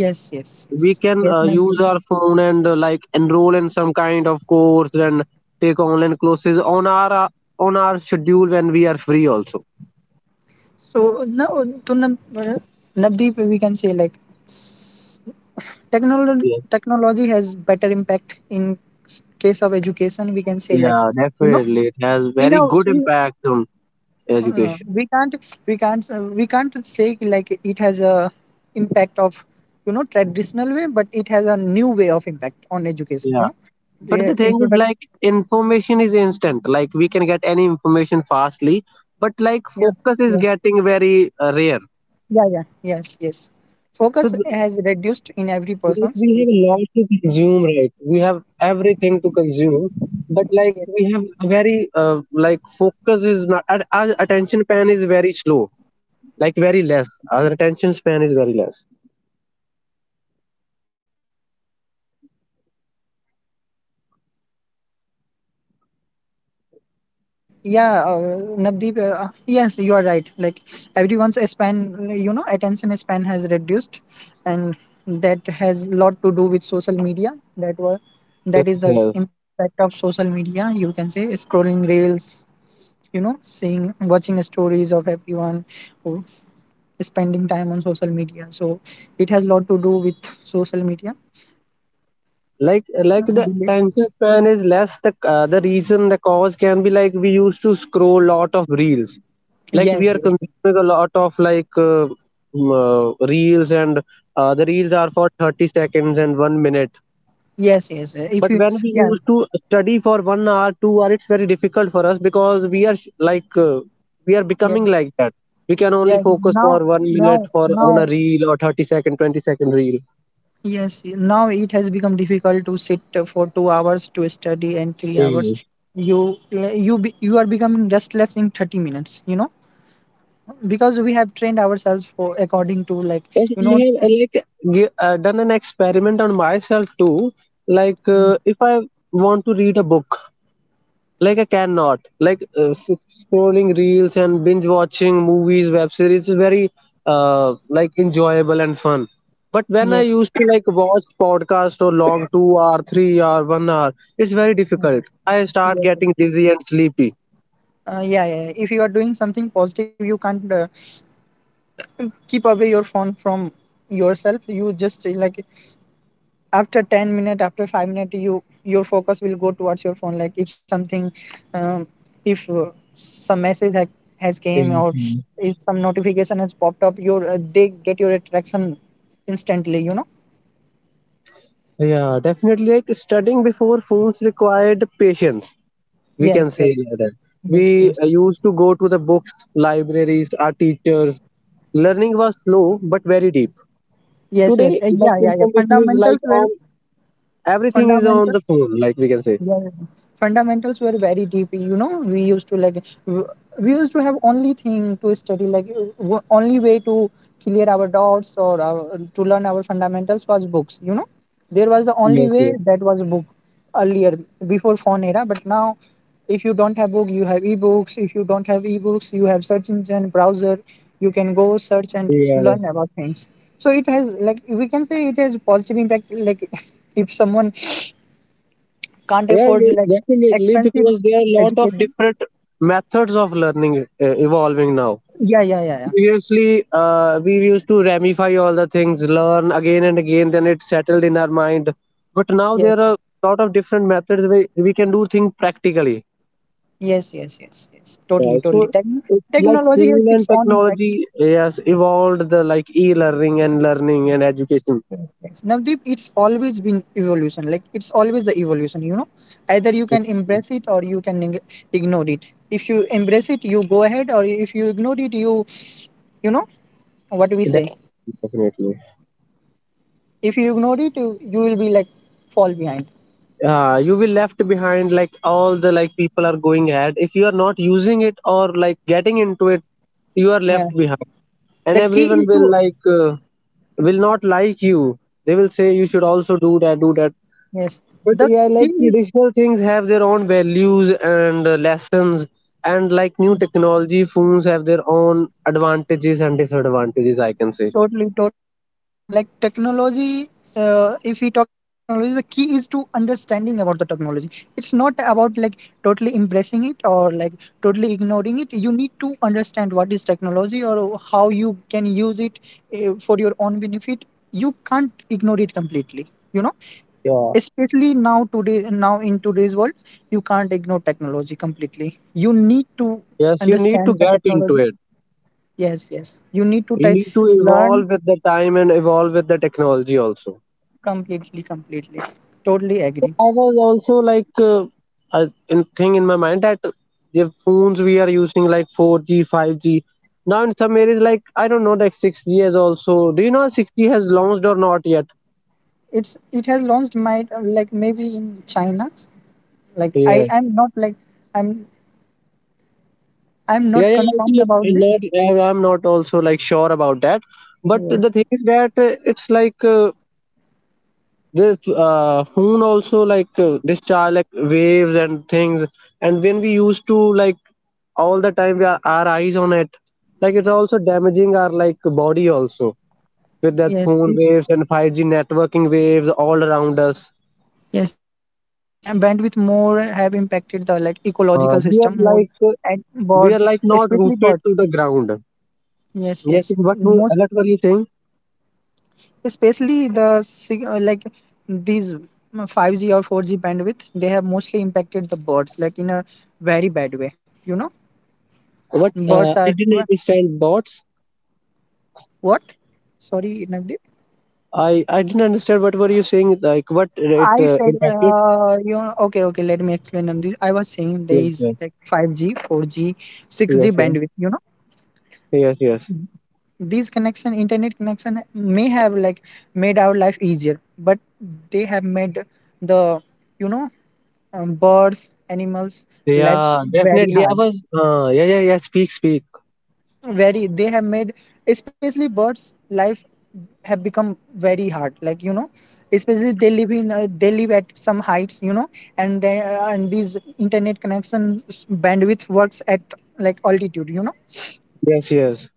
Speaker 1: yes, yes,
Speaker 2: We
Speaker 1: yes,
Speaker 2: can
Speaker 1: yes,
Speaker 2: use
Speaker 1: Navdeep.
Speaker 2: our phone and like enroll in some kind of course and take online classes on our schedule when we are free also.
Speaker 1: So now to Navdeep, we can say like technology
Speaker 2: Yes.
Speaker 1: technology has better impact in case of education. We can say like,
Speaker 2: Yeah,
Speaker 1: you know,
Speaker 2: definitely it has
Speaker 1: in
Speaker 2: very
Speaker 1: our
Speaker 2: good
Speaker 1: in
Speaker 2: impact on
Speaker 1: no, no, no.
Speaker 2: education.
Speaker 1: We can't, we can't say like it has a impact of, you know, traditional way, but it has a new way of impact on education, you
Speaker 2: Yeah,
Speaker 1: know,
Speaker 2: but
Speaker 1: the
Speaker 2: the thing is
Speaker 1: introduction,
Speaker 2: like information is instant, like we can get any information fastly, but
Speaker 1: yeah,
Speaker 2: like focus
Speaker 1: yeah,
Speaker 2: is getting very rare.
Speaker 1: yeah, yeah, yes, yes,
Speaker 2: So
Speaker 1: focus has reduced in every
Speaker 2: like
Speaker 1: person's,
Speaker 2: we
Speaker 1: we
Speaker 2: have a
Speaker 1: can say.
Speaker 2: lot to consume, right, we have everything to consume, but like
Speaker 1: Yes.
Speaker 2: we have a very like focus is not our, our attention span is very slow, like very less, our attention span is very less.
Speaker 1: Yeah, Navdeep, yes, you are right. Like everyone's span, you know, attention span has reduced, and that has lot to do with social media. That was, that is the
Speaker 2: Yes.
Speaker 1: impact of social media. You can say scrolling reels, you know, seeing, watching stories of everyone, who spending time on social media. So it has lot to do with social media.
Speaker 2: like
Speaker 1: Uh,
Speaker 2: like the
Speaker 1: relate-
Speaker 2: attention span is less, the reason, the cause can be like we used to scroll lot of reels, like we
Speaker 1: Yes,
Speaker 2: are
Speaker 1: yes,
Speaker 2: consuming a lot of reels, and the reels are for 30 seconds and 1 minute,
Speaker 1: yes, yes. If
Speaker 2: but
Speaker 1: you,
Speaker 2: when we
Speaker 1: yeah,
Speaker 2: used to study for 1 hour 2 hour, it's very difficult for us because we are we are
Speaker 1: yeah,
Speaker 2: becoming like that. We can only
Speaker 1: yeah.
Speaker 2: focus for
Speaker 1: Now,
Speaker 2: one
Speaker 1: now,
Speaker 2: minute for on
Speaker 1: now.
Speaker 2: a reel, or 30 second 20-second reel.
Speaker 1: Yes, now it has become difficult to sit for 2 hours to study and 3 hours.
Speaker 2: Yes.
Speaker 1: You you be, you are becoming restless in 30 minutes, you know, because we have trained ourselves for according to like,
Speaker 2: Yes,
Speaker 1: you
Speaker 2: I
Speaker 1: know,
Speaker 2: have done an experiment on myself too. Like if I want to read a book, like I cannot, like scrolling reels and binge watching movies, web series is very like enjoyable and fun. But when I
Speaker 1: yes,
Speaker 2: used to like watch podcast or long 2 hour 3 hour 1 hour, it's very difficult, I start
Speaker 1: yes, yes.
Speaker 2: getting dizzy and sleepy.
Speaker 1: Yeah, yeah. Yeah. If you are doing something positive, you can't keep away your phone from yourself. You just like after 10 minute, after 5 minute, you, your focus will go towards your phone, like if something um, if some message has came, or
Speaker 2: Mhm.
Speaker 1: if some notification has popped up, your they get your attraction instantly, you know,
Speaker 2: Yeah, definitely, like studying before phones required patience, we
Speaker 1: yes,
Speaker 2: can say
Speaker 1: yes,
Speaker 2: that.
Speaker 1: yes,
Speaker 2: We
Speaker 1: yes,
Speaker 2: used to go to the books, libraries, our teachers. Learning was slow, but very deep.
Speaker 1: yes, yes,
Speaker 2: Today, like
Speaker 1: yeah, yeah, yeah,
Speaker 2: information is like
Speaker 1: fundamentals were
Speaker 2: on, everything is on
Speaker 1: fundamentals
Speaker 2: the phone, like we can say.
Speaker 1: Yeah. Fundamentals were very deep. You know, we used to like, we used to have only thing to study, like, only way to clear our doubts or our, to learn our fundamentals was books. You know, there was the only
Speaker 2: Yes,
Speaker 1: way
Speaker 2: yes,
Speaker 1: that was book earlier, before phone era. But now, if you don't have book, you have ebooks. If you don't have ebooks, you have search engine, browser. You can go search and
Speaker 2: yeah,
Speaker 1: learn about things. So it has, like, we can say it has positive impact, like if someone can't
Speaker 2: yeah,
Speaker 1: afford,
Speaker 2: yes,
Speaker 1: like,
Speaker 2: definitely,
Speaker 1: expensive
Speaker 2: because there are a lot of
Speaker 1: education.
Speaker 2: different methods of learning evolving now.
Speaker 1: Yeah, yeah, yeah, yeah.
Speaker 2: Previously, we used to ramify all the things, learn again and again, then it settled in our mind. But now there
Speaker 1: Yes,
Speaker 2: are a lot of different methods where we can do things practically.
Speaker 1: yes, yes, yes, yes. Totally,
Speaker 2: Yeah, so
Speaker 1: totally.
Speaker 2: it's like
Speaker 1: Technology has
Speaker 2: fuel
Speaker 1: its
Speaker 2: and
Speaker 1: own effect.
Speaker 2: technology has evolved the like e-learning and learning and education.
Speaker 1: Yes, yes. Navdeep, it's always been evolution. Like, it's always the evolution. You know, either you can embrace it or you can ignore it. If you embrace it, you go ahead, or if you ignore it, you know, what do we
Speaker 2: That,
Speaker 1: say?
Speaker 2: definitely.
Speaker 1: If you ignore it, you will be like fall behind.
Speaker 2: You will left behind, like all the like people are going ahead. If you are not using it or like getting into it, you are left
Speaker 1: Yeah.
Speaker 2: behind, and
Speaker 1: The key
Speaker 2: everyone
Speaker 1: is
Speaker 2: will
Speaker 1: to,
Speaker 2: like will not like you. They will say you should also do that, do that.
Speaker 1: yes.
Speaker 2: But
Speaker 1: The
Speaker 2: yeah, like
Speaker 1: key.
Speaker 2: traditional things have their own values and lessons, and like new technology, phones have their own advantages and disadvantages, I can say.
Speaker 1: Totally, totally. Like, technology, if we talk about technology, the key is to understanding about the technology. It's not about like totally embracing it or like totally ignoring it. You need to understand what is technology or how you can use it for your own benefit. You can't ignore it completely. You know,
Speaker 2: Yeah.
Speaker 1: especially now today, now in today's world, you can't ignore technology completely. You need to
Speaker 2: Yes, you need to
Speaker 1: understand the
Speaker 2: get into
Speaker 1: technology.
Speaker 2: it.
Speaker 1: Yes, yes. You need to
Speaker 2: You
Speaker 1: take,
Speaker 2: need to
Speaker 1: learn.
Speaker 2: evolve with the time and evolve with the technology also.
Speaker 1: Completely, completely, totally
Speaker 2: So
Speaker 1: agree.
Speaker 2: I was also like I, in thing in my mind that the phones we are using, like 4G, 5G. Now in some areas, like I don't know, like 6G has also. Do you know 6G has launched or not yet?
Speaker 1: It's, it has launched my, like, maybe in China. Like,
Speaker 2: Yeah.
Speaker 1: I'm not, like, I'm I'm
Speaker 2: Yeah,
Speaker 1: not
Speaker 2: yeah. I
Speaker 1: confirmed
Speaker 2: see it.
Speaker 1: about
Speaker 2: I'm
Speaker 1: this.
Speaker 2: not, I'm not also like sure about that. But the
Speaker 1: Yes,
Speaker 2: thing is that it's like the phone also like discharge like waves and things, and when we used to like all the time we are our eyes on it, like it's also damaging our like body also with that
Speaker 1: yes,
Speaker 2: phone
Speaker 1: it's,
Speaker 2: waves and 5G networking waves all around us.
Speaker 1: yes, yes. The bandwidth more have impacted the, like, ecological system
Speaker 2: We are
Speaker 1: more,
Speaker 2: like
Speaker 1: and
Speaker 2: we are
Speaker 1: birds,
Speaker 2: like not
Speaker 1: especially birds.
Speaker 2: rooted to the ground.
Speaker 1: Yes,
Speaker 2: Yes,
Speaker 1: yes.
Speaker 2: what were-
Speaker 1: Most
Speaker 2: what were you saying?
Speaker 1: especially the like, these five G or four G bandwidth. They have mostly impacted the birds like in a very bad way. You know,
Speaker 2: What,
Speaker 1: birds are.
Speaker 2: I didn't understand bots?
Speaker 1: What? Sorry, Navdeep.
Speaker 2: I didn't understand what were you saying, like what
Speaker 1: I
Speaker 2: it,
Speaker 1: said,
Speaker 2: impacted?
Speaker 1: okay, okay, let me explain, Navdeep. I was saying there
Speaker 2: Yes,
Speaker 1: is
Speaker 2: yes.
Speaker 1: like 5G, 4G, 6G
Speaker 2: Yes, yes.
Speaker 1: bandwidth, you know,
Speaker 2: Yes, yes.
Speaker 1: these connection, internet connection may have like made our life easier, but they have made the, you know, birds, animals' lives
Speaker 2: Yeah,
Speaker 1: very
Speaker 2: definitely. I
Speaker 1: hard.
Speaker 2: was, yeah, yeah, yeah. Speak, speak.
Speaker 1: Very, they have made especially birds life have become very hard, like, you know, especially they live in, they live at some heights, you know. And they and these internet connections bandwidth works at like altitude, you know.
Speaker 2: Yes, yes,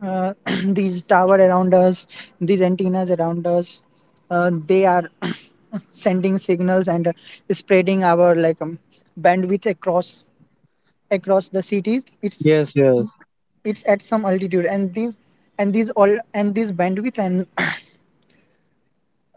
Speaker 1: uh, these tower around us, these antennas around us, they are sending signals and spreading our, like, bandwidth across the cities. it's
Speaker 2: yes, yes.
Speaker 1: it's at some altitude, and these, and these all, and these bandwidth and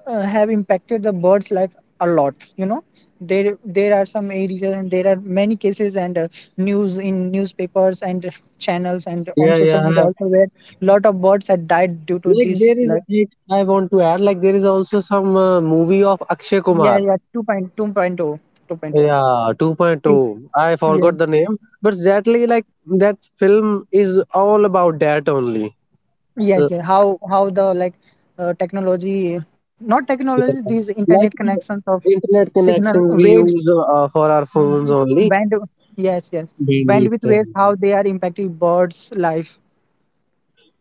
Speaker 1: have impacted the bird's life a lot, you know. There are some areas, and there are many cases, and news in newspapers and channels and on
Speaker 2: Yeah,
Speaker 1: social
Speaker 2: yeah.
Speaker 1: media also, where lot of birds had died due to
Speaker 2: Like there
Speaker 1: this,
Speaker 2: is,
Speaker 1: like,
Speaker 2: like, I want to add, like there is also some movie of Akshay
Speaker 1: yeah, yeah,
Speaker 2: Kumar.
Speaker 1: 2.2.0 2.0.
Speaker 2: Yeah,
Speaker 1: It,
Speaker 2: 2.2. I
Speaker 1: yeah.
Speaker 2: forgot the name, but exactly like that film is all about that only.
Speaker 1: Yes, yes.
Speaker 2: Uh,
Speaker 1: How the like technology, not technology,
Speaker 2: yeah.
Speaker 1: these internet
Speaker 2: Like the
Speaker 1: connections of
Speaker 2: internet
Speaker 1: signal
Speaker 2: connections we
Speaker 1: waves,
Speaker 2: use for our phones
Speaker 1: mm,
Speaker 2: only.
Speaker 1: band. Yes, yes. Bandwidth
Speaker 2: Bandwidth.
Speaker 1: waves, how they are impacting birds' life.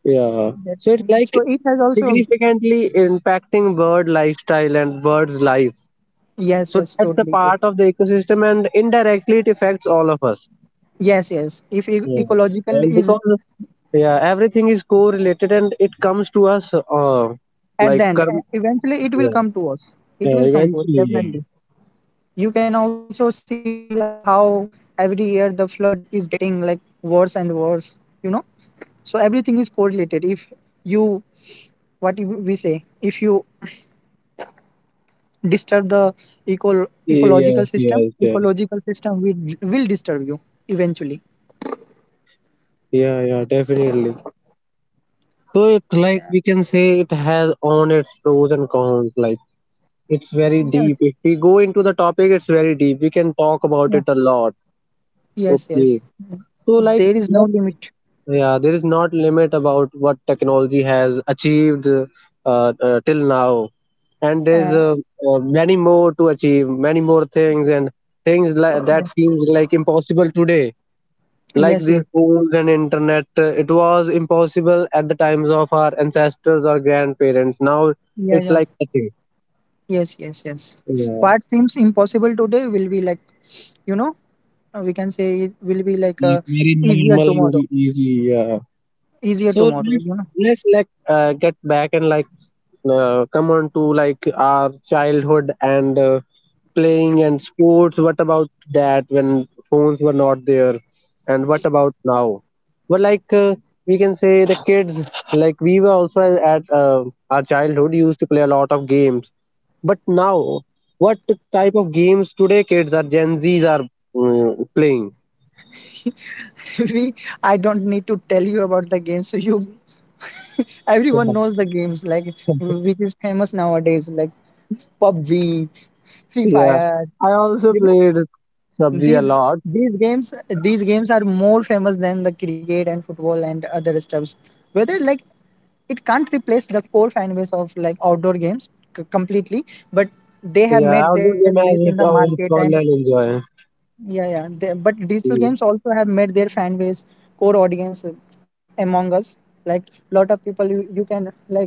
Speaker 2: Yeah.
Speaker 1: That,
Speaker 2: So it's
Speaker 1: so
Speaker 2: like
Speaker 1: it has also.
Speaker 2: significantly impacting bird lifestyle and birds life,
Speaker 1: Yes,
Speaker 2: so
Speaker 1: yes.
Speaker 2: that's the
Speaker 1: Totally,
Speaker 2: part
Speaker 1: totally.
Speaker 2: of the ecosystem, and indirectly it affects all of us.
Speaker 1: Yes, yes. If
Speaker 2: Yeah.
Speaker 1: ecological
Speaker 2: And
Speaker 1: is
Speaker 2: because, yeah, everything is correlated, and it comes to us
Speaker 1: at
Speaker 2: like
Speaker 1: the end,
Speaker 2: karm-
Speaker 1: eventually it will
Speaker 2: yeah.
Speaker 1: come to us. It
Speaker 2: Yeah,
Speaker 1: will come to us
Speaker 2: eventually.
Speaker 1: definitely. You can also see how every year the flood is getting like worse and worse, you know. So everything is correlated. If you, what if we say, if you disturb the
Speaker 2: Yeah, yes,
Speaker 1: ecological system,
Speaker 2: yes, yes.
Speaker 1: ecological system will disturb you eventually.
Speaker 2: Yeah, yeah, definitely. So it's like
Speaker 1: Yeah.
Speaker 2: we can say it has on its pros and cons, like it's very deep.
Speaker 1: Yes,
Speaker 2: If we go into the topic, it's very deep, we can talk about it
Speaker 1: yeah,
Speaker 2: a lot.
Speaker 1: yes,
Speaker 2: Okay.
Speaker 1: yes. Mm.
Speaker 2: So like
Speaker 1: There is
Speaker 2: the-
Speaker 1: no limit.
Speaker 2: yeah, there is not limit about what technology has achieved, till now, and there's
Speaker 1: uh,
Speaker 2: uh, uh, many more to achieve, many more things, and things like that seems like impossible today. Like
Speaker 1: yes,
Speaker 2: these
Speaker 1: yes,
Speaker 2: phones and internet, it was impossible at the times of our ancestors or grandparents. Now
Speaker 1: yeah,
Speaker 2: it's
Speaker 1: yeah,
Speaker 2: like nothing.
Speaker 1: yes, yes, yes.
Speaker 2: Yeah,
Speaker 1: What seems impossible today will be like, you know, we can say it will be like
Speaker 2: it's
Speaker 1: a
Speaker 2: very
Speaker 1: easier
Speaker 2: normal and
Speaker 1: tomorrow,
Speaker 2: easy. Yeah.
Speaker 1: easier
Speaker 2: So
Speaker 1: tomorrow, you
Speaker 2: let's
Speaker 1: know.
Speaker 2: let's like get back and like come on to like our childhood and playing and sports. What about that when phones were not there, and what about now? But like we can say the kids, like we were also at our childhood used to play a lot of games. But now, what type of games today kids are Gen Zs are playing?
Speaker 1: we I don't need to tell you about the game. So you everyone knows the games like which is famous nowadays, like PUBG, Free
Speaker 2: Yeah,
Speaker 1: Fire,
Speaker 2: I also
Speaker 1: you know.
Speaker 2: played PUBG a
Speaker 1: these
Speaker 2: lot.
Speaker 1: these games these games are more famous than the cricket and football and other stuffs. Whether, like, it can't replace the core fan base of like outdoor games completely, but they have
Speaker 2: Yeah,
Speaker 1: made their
Speaker 2: outdoor game
Speaker 1: place in the
Speaker 2: has its
Speaker 1: market.
Speaker 2: own
Speaker 1: And
Speaker 2: fun and enjoy.
Speaker 1: yeah, yeah. They, but digital
Speaker 2: Mm.
Speaker 1: games also have made their fan base, core audience among us. Like, lot of people, you can, like,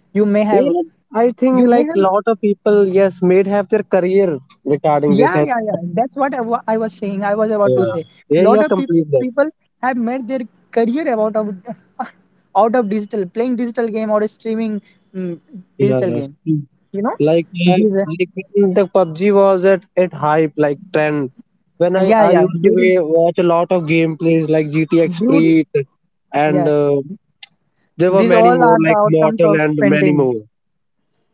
Speaker 1: you may have
Speaker 2: Yeah, like, I
Speaker 1: you
Speaker 2: think
Speaker 1: may
Speaker 2: like
Speaker 1: have,
Speaker 2: lot of people, yes, made have their career regarding
Speaker 1: yeah,
Speaker 2: this.
Speaker 1: yeah,
Speaker 2: And,
Speaker 1: yeah. That's what I was saying. I was about to
Speaker 2: yeah,
Speaker 1: say.
Speaker 2: yeah,
Speaker 1: Lot of
Speaker 2: yeah, complete that.
Speaker 1: people have made their career out of out of digital, playing digital game or streaming, mm,
Speaker 2: Yeah,
Speaker 1: digital
Speaker 2: yes.
Speaker 1: game.
Speaker 2: Mm.
Speaker 1: You know,
Speaker 2: Like, yeah,
Speaker 1: these
Speaker 2: like when the PUBG was at hype like trend. When I
Speaker 1: yeah,
Speaker 2: I
Speaker 1: yeah,
Speaker 2: used to watch a lot of gameplays like GTX
Speaker 1: during,
Speaker 2: Pre, and
Speaker 1: yeah,
Speaker 2: there were
Speaker 1: these
Speaker 2: many
Speaker 1: all
Speaker 2: more
Speaker 1: are the
Speaker 2: like
Speaker 1: outcomes
Speaker 2: Mortal
Speaker 1: of
Speaker 2: and many
Speaker 1: pandemic.
Speaker 2: more.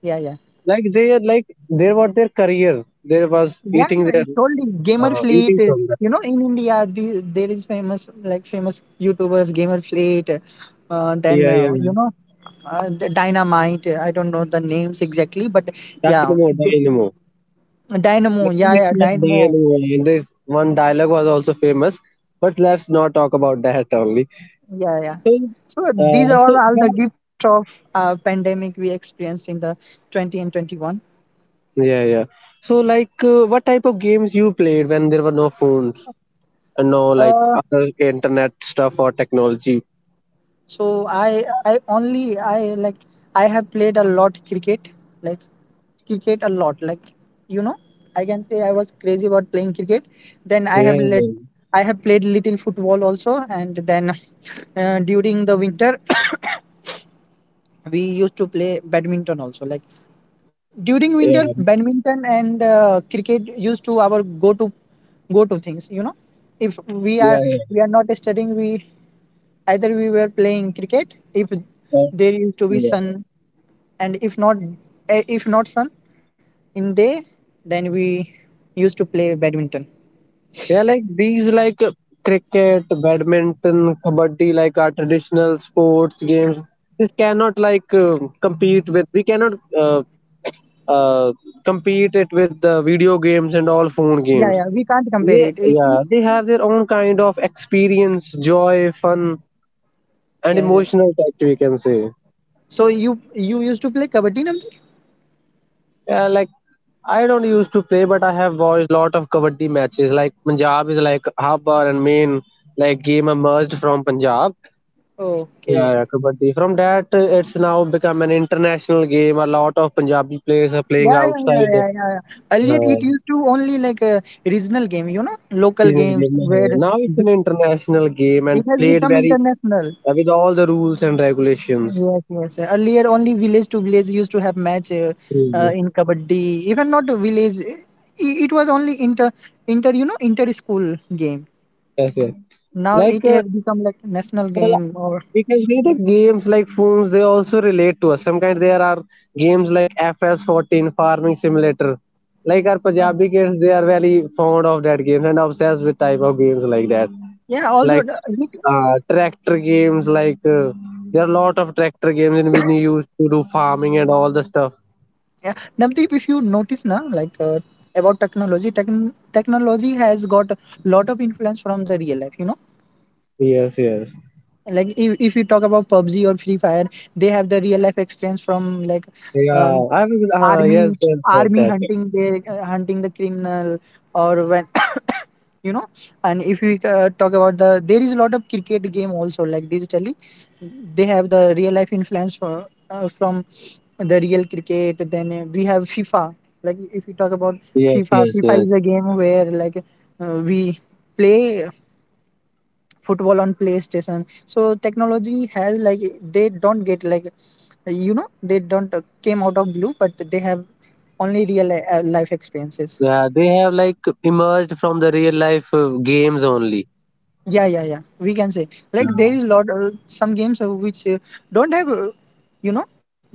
Speaker 1: Yeah, yeah.
Speaker 2: Like they are like there were their career. There was
Speaker 1: Yeah,
Speaker 2: eating
Speaker 1: yeah,
Speaker 2: their
Speaker 1: you told me Gamer Fleet.
Speaker 2: eating from that.
Speaker 1: You know, in India, the, there is famous, like, famous YouTubers, Gamer Fleet. Uh, then
Speaker 2: Yeah, yeah,
Speaker 1: uh, you
Speaker 2: man.
Speaker 1: know, the Dynamite. I don't know the names exactly, but yeah,
Speaker 2: Dynamo,
Speaker 1: the,
Speaker 2: Dynamo. Let
Speaker 1: Dynamo. Yeah,
Speaker 2: me
Speaker 1: yeah,
Speaker 2: see what
Speaker 1: Dynamo.
Speaker 2: Dynamo. And this one dialogue was also famous, but let's not talk about that only.
Speaker 1: Yeah, yeah.
Speaker 2: So,
Speaker 1: So these
Speaker 2: uh, so
Speaker 1: are all the
Speaker 2: how-
Speaker 1: gift of pandemic we experienced in the 20 and 21.
Speaker 2: yeah, yeah. So, like, what type of games you played when there were no phones and no like
Speaker 1: Uh,
Speaker 2: other internet stuff or technology?
Speaker 1: So I only I like I have played a lot cricket, like cricket a lot. Like, you know, I can say I was crazy about playing cricket. Then I
Speaker 2: Yeah,
Speaker 1: have
Speaker 2: yeah,
Speaker 1: let I have played little football also, and then during the winter we used to play badminton also. Like, during winter,
Speaker 2: yeah,
Speaker 1: badminton and cricket used to our go to things. You know, if we
Speaker 2: yeah,
Speaker 1: are
Speaker 2: yeah.
Speaker 1: we are not studying, we, either we were playing cricket if
Speaker 2: Uh,
Speaker 1: there used to be
Speaker 2: yeah.
Speaker 1: sun, and if not, if not sun in day, then we used to play badminton.
Speaker 2: Yeah, like these, like cricket, badminton, kabaddi, like our traditional sports games. This cannot like compete with. We cannot uh, compete it with the video games and all phone
Speaker 1: Yeah, yeah,
Speaker 2: games.
Speaker 1: we can't compare it.
Speaker 2: Yeah, yeah, they have their own kind of experience, joy, fun, and
Speaker 1: Yeah, yeah.
Speaker 2: emotional touch. We can say.
Speaker 1: So you used to play kabaddi number.
Speaker 2: Yeah, like I don't used to play, but I have watched lot of kabaddi matches. Like Punjab is like Habbar and main, like game emerged from Punjab. Yeah,
Speaker 1: Okay,
Speaker 2: yeah, kabaddi. From that, it's now become an international game. A lot of Punjabi players are playing
Speaker 1: yeah, yeah, yeah,
Speaker 2: outside.
Speaker 1: yeah, yeah, yeah. Earlier
Speaker 2: Uh,
Speaker 1: it used to only like a regional game, you know, local
Speaker 2: seasonal
Speaker 1: games
Speaker 2: game.
Speaker 1: where
Speaker 2: Now it's
Speaker 1: b-
Speaker 2: an international game,
Speaker 1: it
Speaker 2: and
Speaker 1: has
Speaker 2: played
Speaker 1: become
Speaker 2: very
Speaker 1: international.
Speaker 2: with all the rules and regulations.
Speaker 1: Yes, yes, sir. Earlier, only village to village used to have match
Speaker 2: Mhm.
Speaker 1: in kabaddi. Even not a village, it was only inter inter you know inter school game.
Speaker 2: Yes, yes.
Speaker 1: Now
Speaker 2: Like
Speaker 1: it has become like national
Speaker 2: there are-
Speaker 1: game, or
Speaker 2: we can see the games like phones. They also relate to us. Sometimes there are games like FS 14 Farming Simulator. Like our Punjabi kids, they are very fond of that games and obsessed with type of games like that.
Speaker 1: yeah. Also,
Speaker 2: Like tractor games. Like there are a lot of tractor games, and we used to do farming and all the stuff.
Speaker 1: yeah, Navdeep, if you notice now, like, about technology, technology has got a lot of influence from the real life. You know,
Speaker 2: Yes, yes,
Speaker 1: like, if you talk about PUBG or Free Fire, they have the real life experience from, like,
Speaker 2: yeah.
Speaker 1: Um,
Speaker 2: I was yes,
Speaker 1: army
Speaker 2: yes, that,
Speaker 1: army
Speaker 2: that.
Speaker 1: hunting the, hunting the criminal, or when you know. And if we talk about, the, there is a lot of cricket game also, like, digitally. They have the real life influence from the real cricket. Then we have FIFA. Like, if we talk about
Speaker 2: Yes, yes, yes.
Speaker 1: fifa is a game where, like, we play football on PlayStation. So technology has, like, they don't get, like, you know, they don't came out of blue, but they have only real life experiences.
Speaker 2: Yeah, they have like emerged from the real life games only.
Speaker 1: Yeah, yeah, yeah, we can say, like, there is
Speaker 2: Yeah.
Speaker 1: lot some games which don't have you know,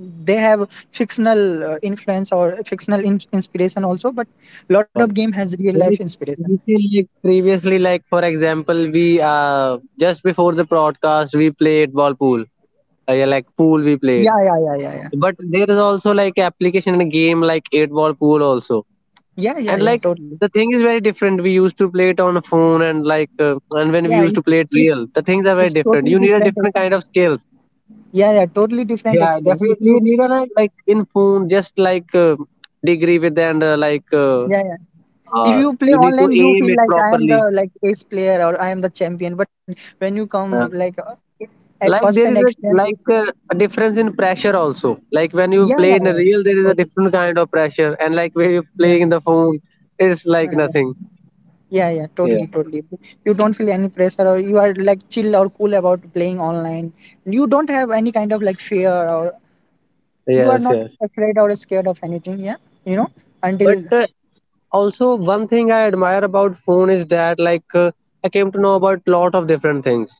Speaker 1: they have fictional influence or fictional inspiration also, but lot of
Speaker 2: Uh,
Speaker 1: game has real life
Speaker 2: like
Speaker 1: inspiration.
Speaker 2: we feel like previously, like for example, we just before the broadcast we played ball pool. Yeah, like pool we played.
Speaker 1: Yeah, yeah, yeah, yeah, yeah,
Speaker 2: But there is also like application in a game like eight ball pool also.
Speaker 1: yeah, yeah,
Speaker 2: And
Speaker 1: yeah,
Speaker 2: like
Speaker 1: totally.
Speaker 2: the thing is very different, we used to play it on a phone and like and when we
Speaker 1: Yeah, it,
Speaker 2: used to play it
Speaker 1: it,
Speaker 2: real, the things are
Speaker 1: it's
Speaker 2: very different,
Speaker 1: totally
Speaker 2: you need a
Speaker 1: different.
Speaker 2: different kind of skills.
Speaker 1: Yeah, yeah, totally different
Speaker 2: Yeah,
Speaker 1: experience. If
Speaker 2: definitely, you
Speaker 1: you,
Speaker 2: need a like in phone just like degree with, and
Speaker 1: yeah, yeah. If you
Speaker 2: you
Speaker 1: play
Speaker 2: need to
Speaker 1: online,
Speaker 2: aim
Speaker 1: you
Speaker 2: it
Speaker 1: feel like I am
Speaker 2: properly.
Speaker 1: the like ace player, or I am the champion. But when you come
Speaker 2: Uh,
Speaker 1: like, at
Speaker 2: like
Speaker 1: first hand
Speaker 2: there is a
Speaker 1: experience, it,
Speaker 2: like a difference in pressure also, like when you
Speaker 1: yeah, yeah,
Speaker 2: play in
Speaker 1: yeah,
Speaker 2: a
Speaker 1: yeah,
Speaker 2: real there is a
Speaker 1: totally,
Speaker 2: different kind of pressure, and like when you
Speaker 1: yeah,
Speaker 2: play in the phone it's
Speaker 1: yeah,
Speaker 2: like
Speaker 1: yeah,
Speaker 2: nothing.
Speaker 1: yeah, yeah,
Speaker 2: Yeah,
Speaker 1: totally, totally. You don't feel any pressure, or you are like chill or cool about playing online. You don't have any kind of like fear, or you are
Speaker 2: yes,
Speaker 1: not
Speaker 2: yes.
Speaker 1: afraid or scared of anything. Yeah, you know,
Speaker 2: But
Speaker 1: until,
Speaker 2: also one thing I admire about phone is that like I came to know about lot of different things,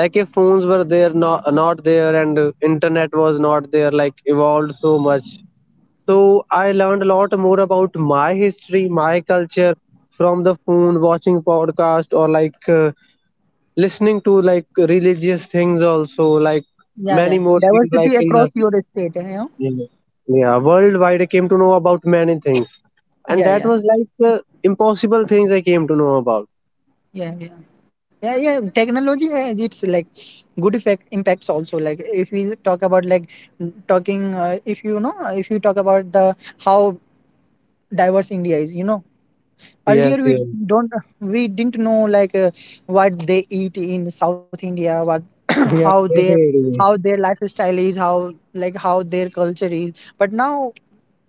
Speaker 2: like if phones were there not, not there, and internet was not there like evolved so much, so I learned a lot more about my history, my culture from the phone, watching podcast or like listening to like religious things also like
Speaker 1: yeah, yeah,
Speaker 2: many more things like
Speaker 1: diversity
Speaker 2: in
Speaker 1: across
Speaker 2: the,
Speaker 1: your state. You know,
Speaker 2: yeah, worldwide I came to know about many things, and
Speaker 1: yeah,
Speaker 2: that
Speaker 1: yeah.
Speaker 2: was like impossible things I came to know about.
Speaker 1: Yeah, yeah, yeah, yeah, technology has its like good effect, impacts also. Like, if we talk about, like, talking, if you talk about the, how diverse India is, you know. Earlier
Speaker 2: Yes, yes.
Speaker 1: don't we didn't know like, what they eat in South India, what how
Speaker 2: Yeah,
Speaker 1: they how
Speaker 2: definitely.
Speaker 1: their lifestyle is, how their culture is. But now,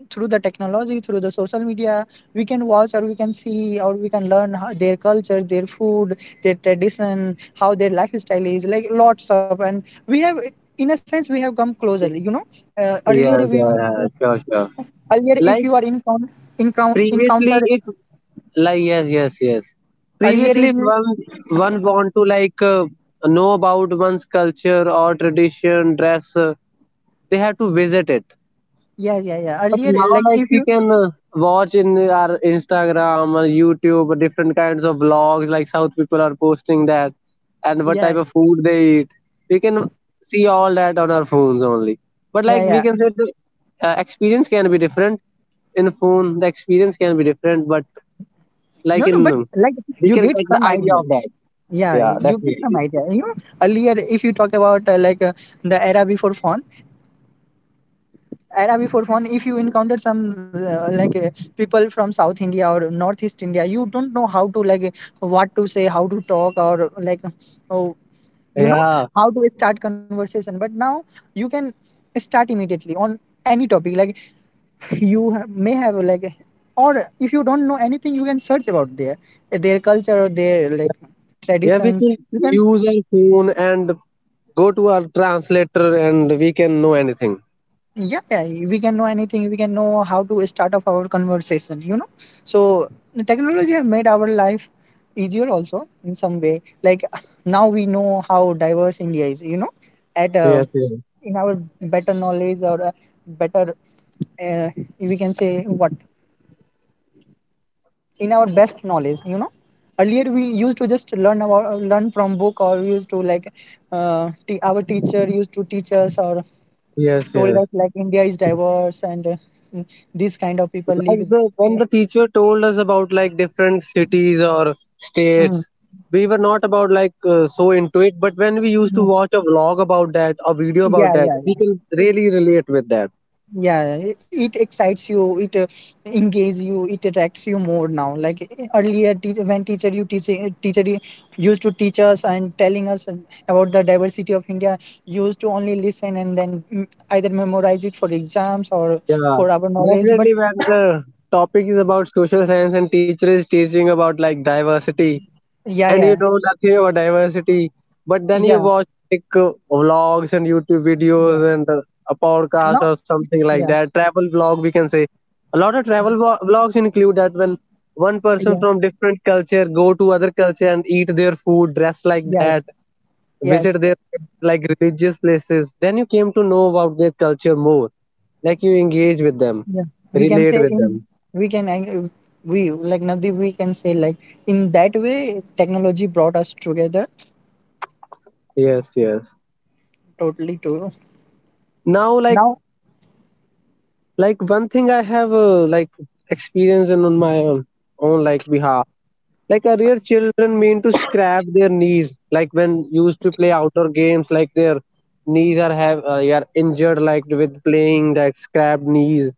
Speaker 1: through the technology, through the social media, we can watch, or we can see, or we can learn how their culture, their food, their tradition, how their lifestyle is, like, lots of. And we have, in a sense, we have come closer. You
Speaker 2: Yeah,
Speaker 1: know, earlier we
Speaker 2: yeah,
Speaker 1: used to,
Speaker 2: yeah, sure, sure.
Speaker 1: earlier if you
Speaker 2: Like
Speaker 1: are
Speaker 2: previously,
Speaker 1: encounter,
Speaker 2: if, like yes, yes, yes.
Speaker 1: earlier
Speaker 2: Previously,
Speaker 1: if
Speaker 2: if
Speaker 1: you,
Speaker 2: one one want to like know about one's culture or tradition, dress. They have to visit it.
Speaker 1: yeah, yeah, yeah,
Speaker 2: But
Speaker 1: earlier,
Speaker 2: now,
Speaker 1: like,
Speaker 2: like
Speaker 1: if
Speaker 2: we
Speaker 1: you,
Speaker 2: can watch in our Instagram or YouTube different kinds of vlogs. Like South people are posting that, and what
Speaker 1: yeah,
Speaker 2: type of food they eat. We can see all that on our phones only. But
Speaker 1: yeah,
Speaker 2: like we
Speaker 1: yeah,
Speaker 2: can say, the experience can be different in phone. The experience can be different, but like
Speaker 1: no,
Speaker 2: in
Speaker 1: no, but like,
Speaker 2: we can
Speaker 1: you
Speaker 2: get the
Speaker 1: get some
Speaker 2: idea of
Speaker 1: idea.
Speaker 2: that.
Speaker 1: Yeah,
Speaker 2: Yeah,
Speaker 1: you get
Speaker 2: definitely.
Speaker 1: some idea. You know, earlier if you talk about the era before phone Arabi for fun, if you encounter some people from South India or Northeast India, you don't know how to what to say, how to talk, or like oh, you know
Speaker 2: Yeah,
Speaker 1: how to start conversation. But now you can start immediately on any topic. Like may have like, or if you don't know anything, you can search about their culture or their like
Speaker 2: yeah. We
Speaker 1: traditions.
Speaker 2: can
Speaker 1: You can
Speaker 2: use our phone and go to our translator, and we can know anything.
Speaker 1: yeah, yeah, we can know anything. We can know how to start off our conversation, you know. So the technology has made our life easier also in some way. Like now we know how diverse India is, you know. At
Speaker 2: Yes, yes.
Speaker 1: in our better knowledge, or better uh, we can say what in our best knowledge, you know. Earlier we used to just learn from book, or we used to like our teacher used to teach us or
Speaker 2: Yes,
Speaker 1: told
Speaker 2: yes.
Speaker 1: us like India is diverse, and mm, these kind of people
Speaker 2: Like
Speaker 1: live.
Speaker 2: the when the
Speaker 1: With-
Speaker 2: teacher told us about like different cities or states,
Speaker 1: mm,
Speaker 2: we were not about like so into it. But when we used to
Speaker 1: mm.
Speaker 2: watch a vlog about that, a video about
Speaker 1: Yeah,
Speaker 2: that,
Speaker 1: yeah,
Speaker 2: we
Speaker 1: yeah,
Speaker 2: can really relate with that.
Speaker 1: yeah. It excites you. It engages you. It attracts you more now. Like earlier, when teacher used to teach us and telling us and about the diversity of India, you used to only listen and then either memorize it for exams or
Speaker 2: Yeah,
Speaker 1: for our knowledge. But
Speaker 2: definitely. When the topic is about social science and teacher is teaching about like diversity,
Speaker 1: yeah,
Speaker 2: and you
Speaker 1: yeah,
Speaker 2: know nothing about diversity. But then you
Speaker 1: yeah,
Speaker 2: watch like vlogs and YouTube
Speaker 1: yeah.
Speaker 2: videos and a podcast
Speaker 1: No,
Speaker 2: or something like
Speaker 1: yeah,
Speaker 2: that. Travel vlog, we can say. A lot of travel vlogs include that, when one person
Speaker 1: yeah,
Speaker 2: from different culture go to other culture and eat their food, dress like
Speaker 1: yeah.
Speaker 2: that,
Speaker 1: Yes,
Speaker 2: visit their like religious places. Then you came to know about their culture more. Like you engage with them,
Speaker 1: yeah, we can
Speaker 2: relate
Speaker 1: say
Speaker 2: with
Speaker 1: in
Speaker 2: them.
Speaker 1: we can ang- we like Navdeep, we can say like in that way technology brought us together
Speaker 2: Yes, yes.
Speaker 1: totally to
Speaker 2: Now, like
Speaker 1: now.
Speaker 2: like one thing I have like experienced in on my own like Bihar. Like earlier children mean to scratch their knees, like when used to play outdoor games like their knees are have are injured like with playing that scrap knees.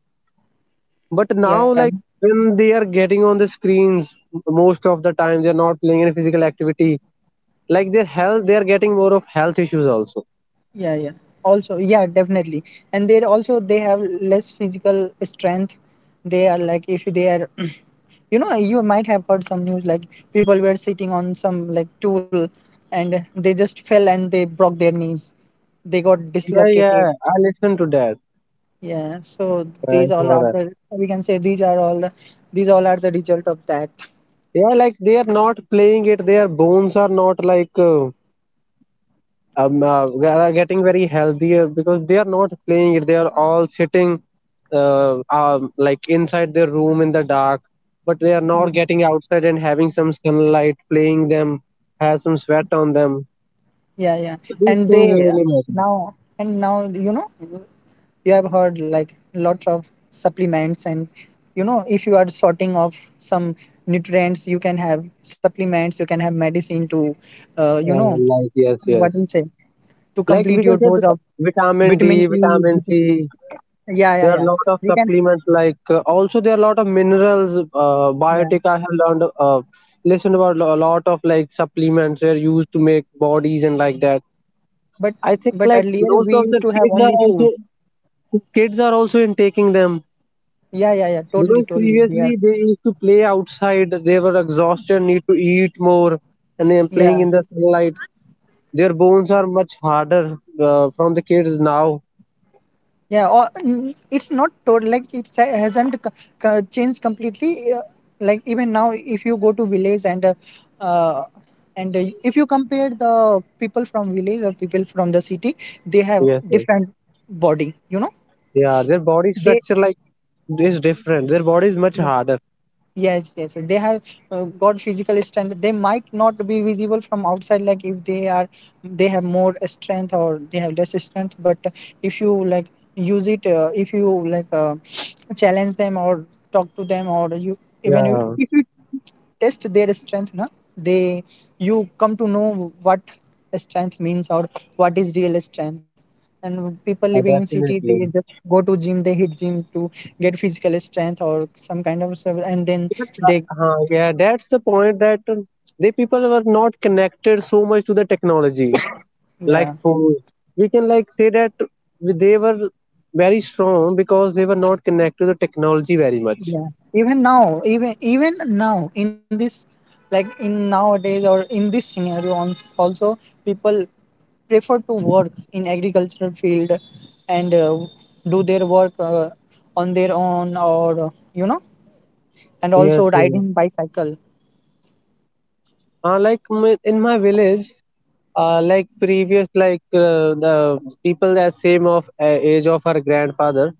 Speaker 2: But
Speaker 1: Yeah,
Speaker 2: now, like when they are getting on the screens, most of the time they're not playing any physical activity, like their health, they are getting more of health issues also.
Speaker 1: yeah, yeah. Also, yeah, definitely. And they also they have less physical strength. They are like if they are you know, you might have heard some news like people were sitting on some like tool and they just fell and they broke their knees. They got
Speaker 2: Yeah,
Speaker 1: dislocated.
Speaker 2: yeah, I listen to that.
Speaker 1: Yeah, so
Speaker 2: Right,
Speaker 1: these all
Speaker 2: all
Speaker 1: are
Speaker 2: right.
Speaker 1: the we can say these are all the these all are the result of that.
Speaker 2: Yeah, like they are not playing it. Their bones are not like they are getting very healthier because they are not playing it. They are all sitting like inside their room in the dark, but they are not getting outside and having some sunlight playing them, have some sweat on them.
Speaker 1: Yeah, yeah.
Speaker 2: So these
Speaker 1: And
Speaker 2: things
Speaker 1: they
Speaker 2: really matter.
Speaker 1: Now and now, you know, you have heard like lots of supplements and, you know, if you are sorting of some nutrients, you can have supplements, you can have medicine to you
Speaker 2: Uh,
Speaker 1: know
Speaker 2: like yes,
Speaker 1: what
Speaker 2: yes.
Speaker 1: we say, to
Speaker 2: Like
Speaker 1: complete
Speaker 2: we
Speaker 1: your
Speaker 2: can say
Speaker 1: dose
Speaker 2: vit-
Speaker 1: of
Speaker 2: vitamin
Speaker 1: vitamin
Speaker 2: D,
Speaker 1: E. vit-
Speaker 2: vitamin C.
Speaker 1: Yeah, yeah,
Speaker 2: There
Speaker 1: yeah.
Speaker 2: are a lot of
Speaker 1: You can
Speaker 2: supplements like also there are a lot of minerals,
Speaker 1: yeah.
Speaker 2: biotic. I have learned, listened about a lot of like supplements they're used to make bodies and like that.
Speaker 1: But
Speaker 2: I
Speaker 1: but
Speaker 2: think like
Speaker 1: earlier we
Speaker 2: most
Speaker 1: used
Speaker 2: of
Speaker 1: to
Speaker 2: the
Speaker 1: have only food.
Speaker 2: kids are also in taking them
Speaker 1: Yeah, yeah, yeah. Totally,
Speaker 2: because
Speaker 1: totally. Yeah.
Speaker 2: previously they used to play outside. They were exhausted, need to eat more, and they are playing
Speaker 1: Yeah,
Speaker 2: in the sunlight. Their bones are much harder from the kids now.
Speaker 1: yeah, or it's not total like it hasn't changed completely. Like even now, if you go to village and uh, if you compare the people from village or people from the city, they have
Speaker 2: Yes, yes,
Speaker 1: different body. You know,
Speaker 2: yeah. Their body
Speaker 1: they
Speaker 2: structure like is different. Their body is much harder.
Speaker 1: yes, yes, yes. They have got physical strength. They might not be visible from outside, like if they are, they have more strength or they have less strength. But if you like if you challenge them or talk to them, or you even you,
Speaker 2: Yeah,
Speaker 1: if you test their strength na, they you come to know what strength means or what is real strength. And people living in city, they
Speaker 2: definitely.
Speaker 1: just go to gym. They hit gym to get physical strength or some kind of service. And then
Speaker 2: Because,
Speaker 1: they
Speaker 2: yeah, that's the point that the people were not connected so much to the technology like
Speaker 1: yeah,
Speaker 2: phones. We can like say that they were very strong because they were not connected to the technology very much.
Speaker 1: yeah, even now even now in this like in nowadays or in this scenario on also people prefer to work in agricultural field and do their work on their own, or you know, and also
Speaker 2: Yes, yes.
Speaker 1: riding bicycle.
Speaker 2: Like my, in my village, like previous like the people that same of age of our grandfather,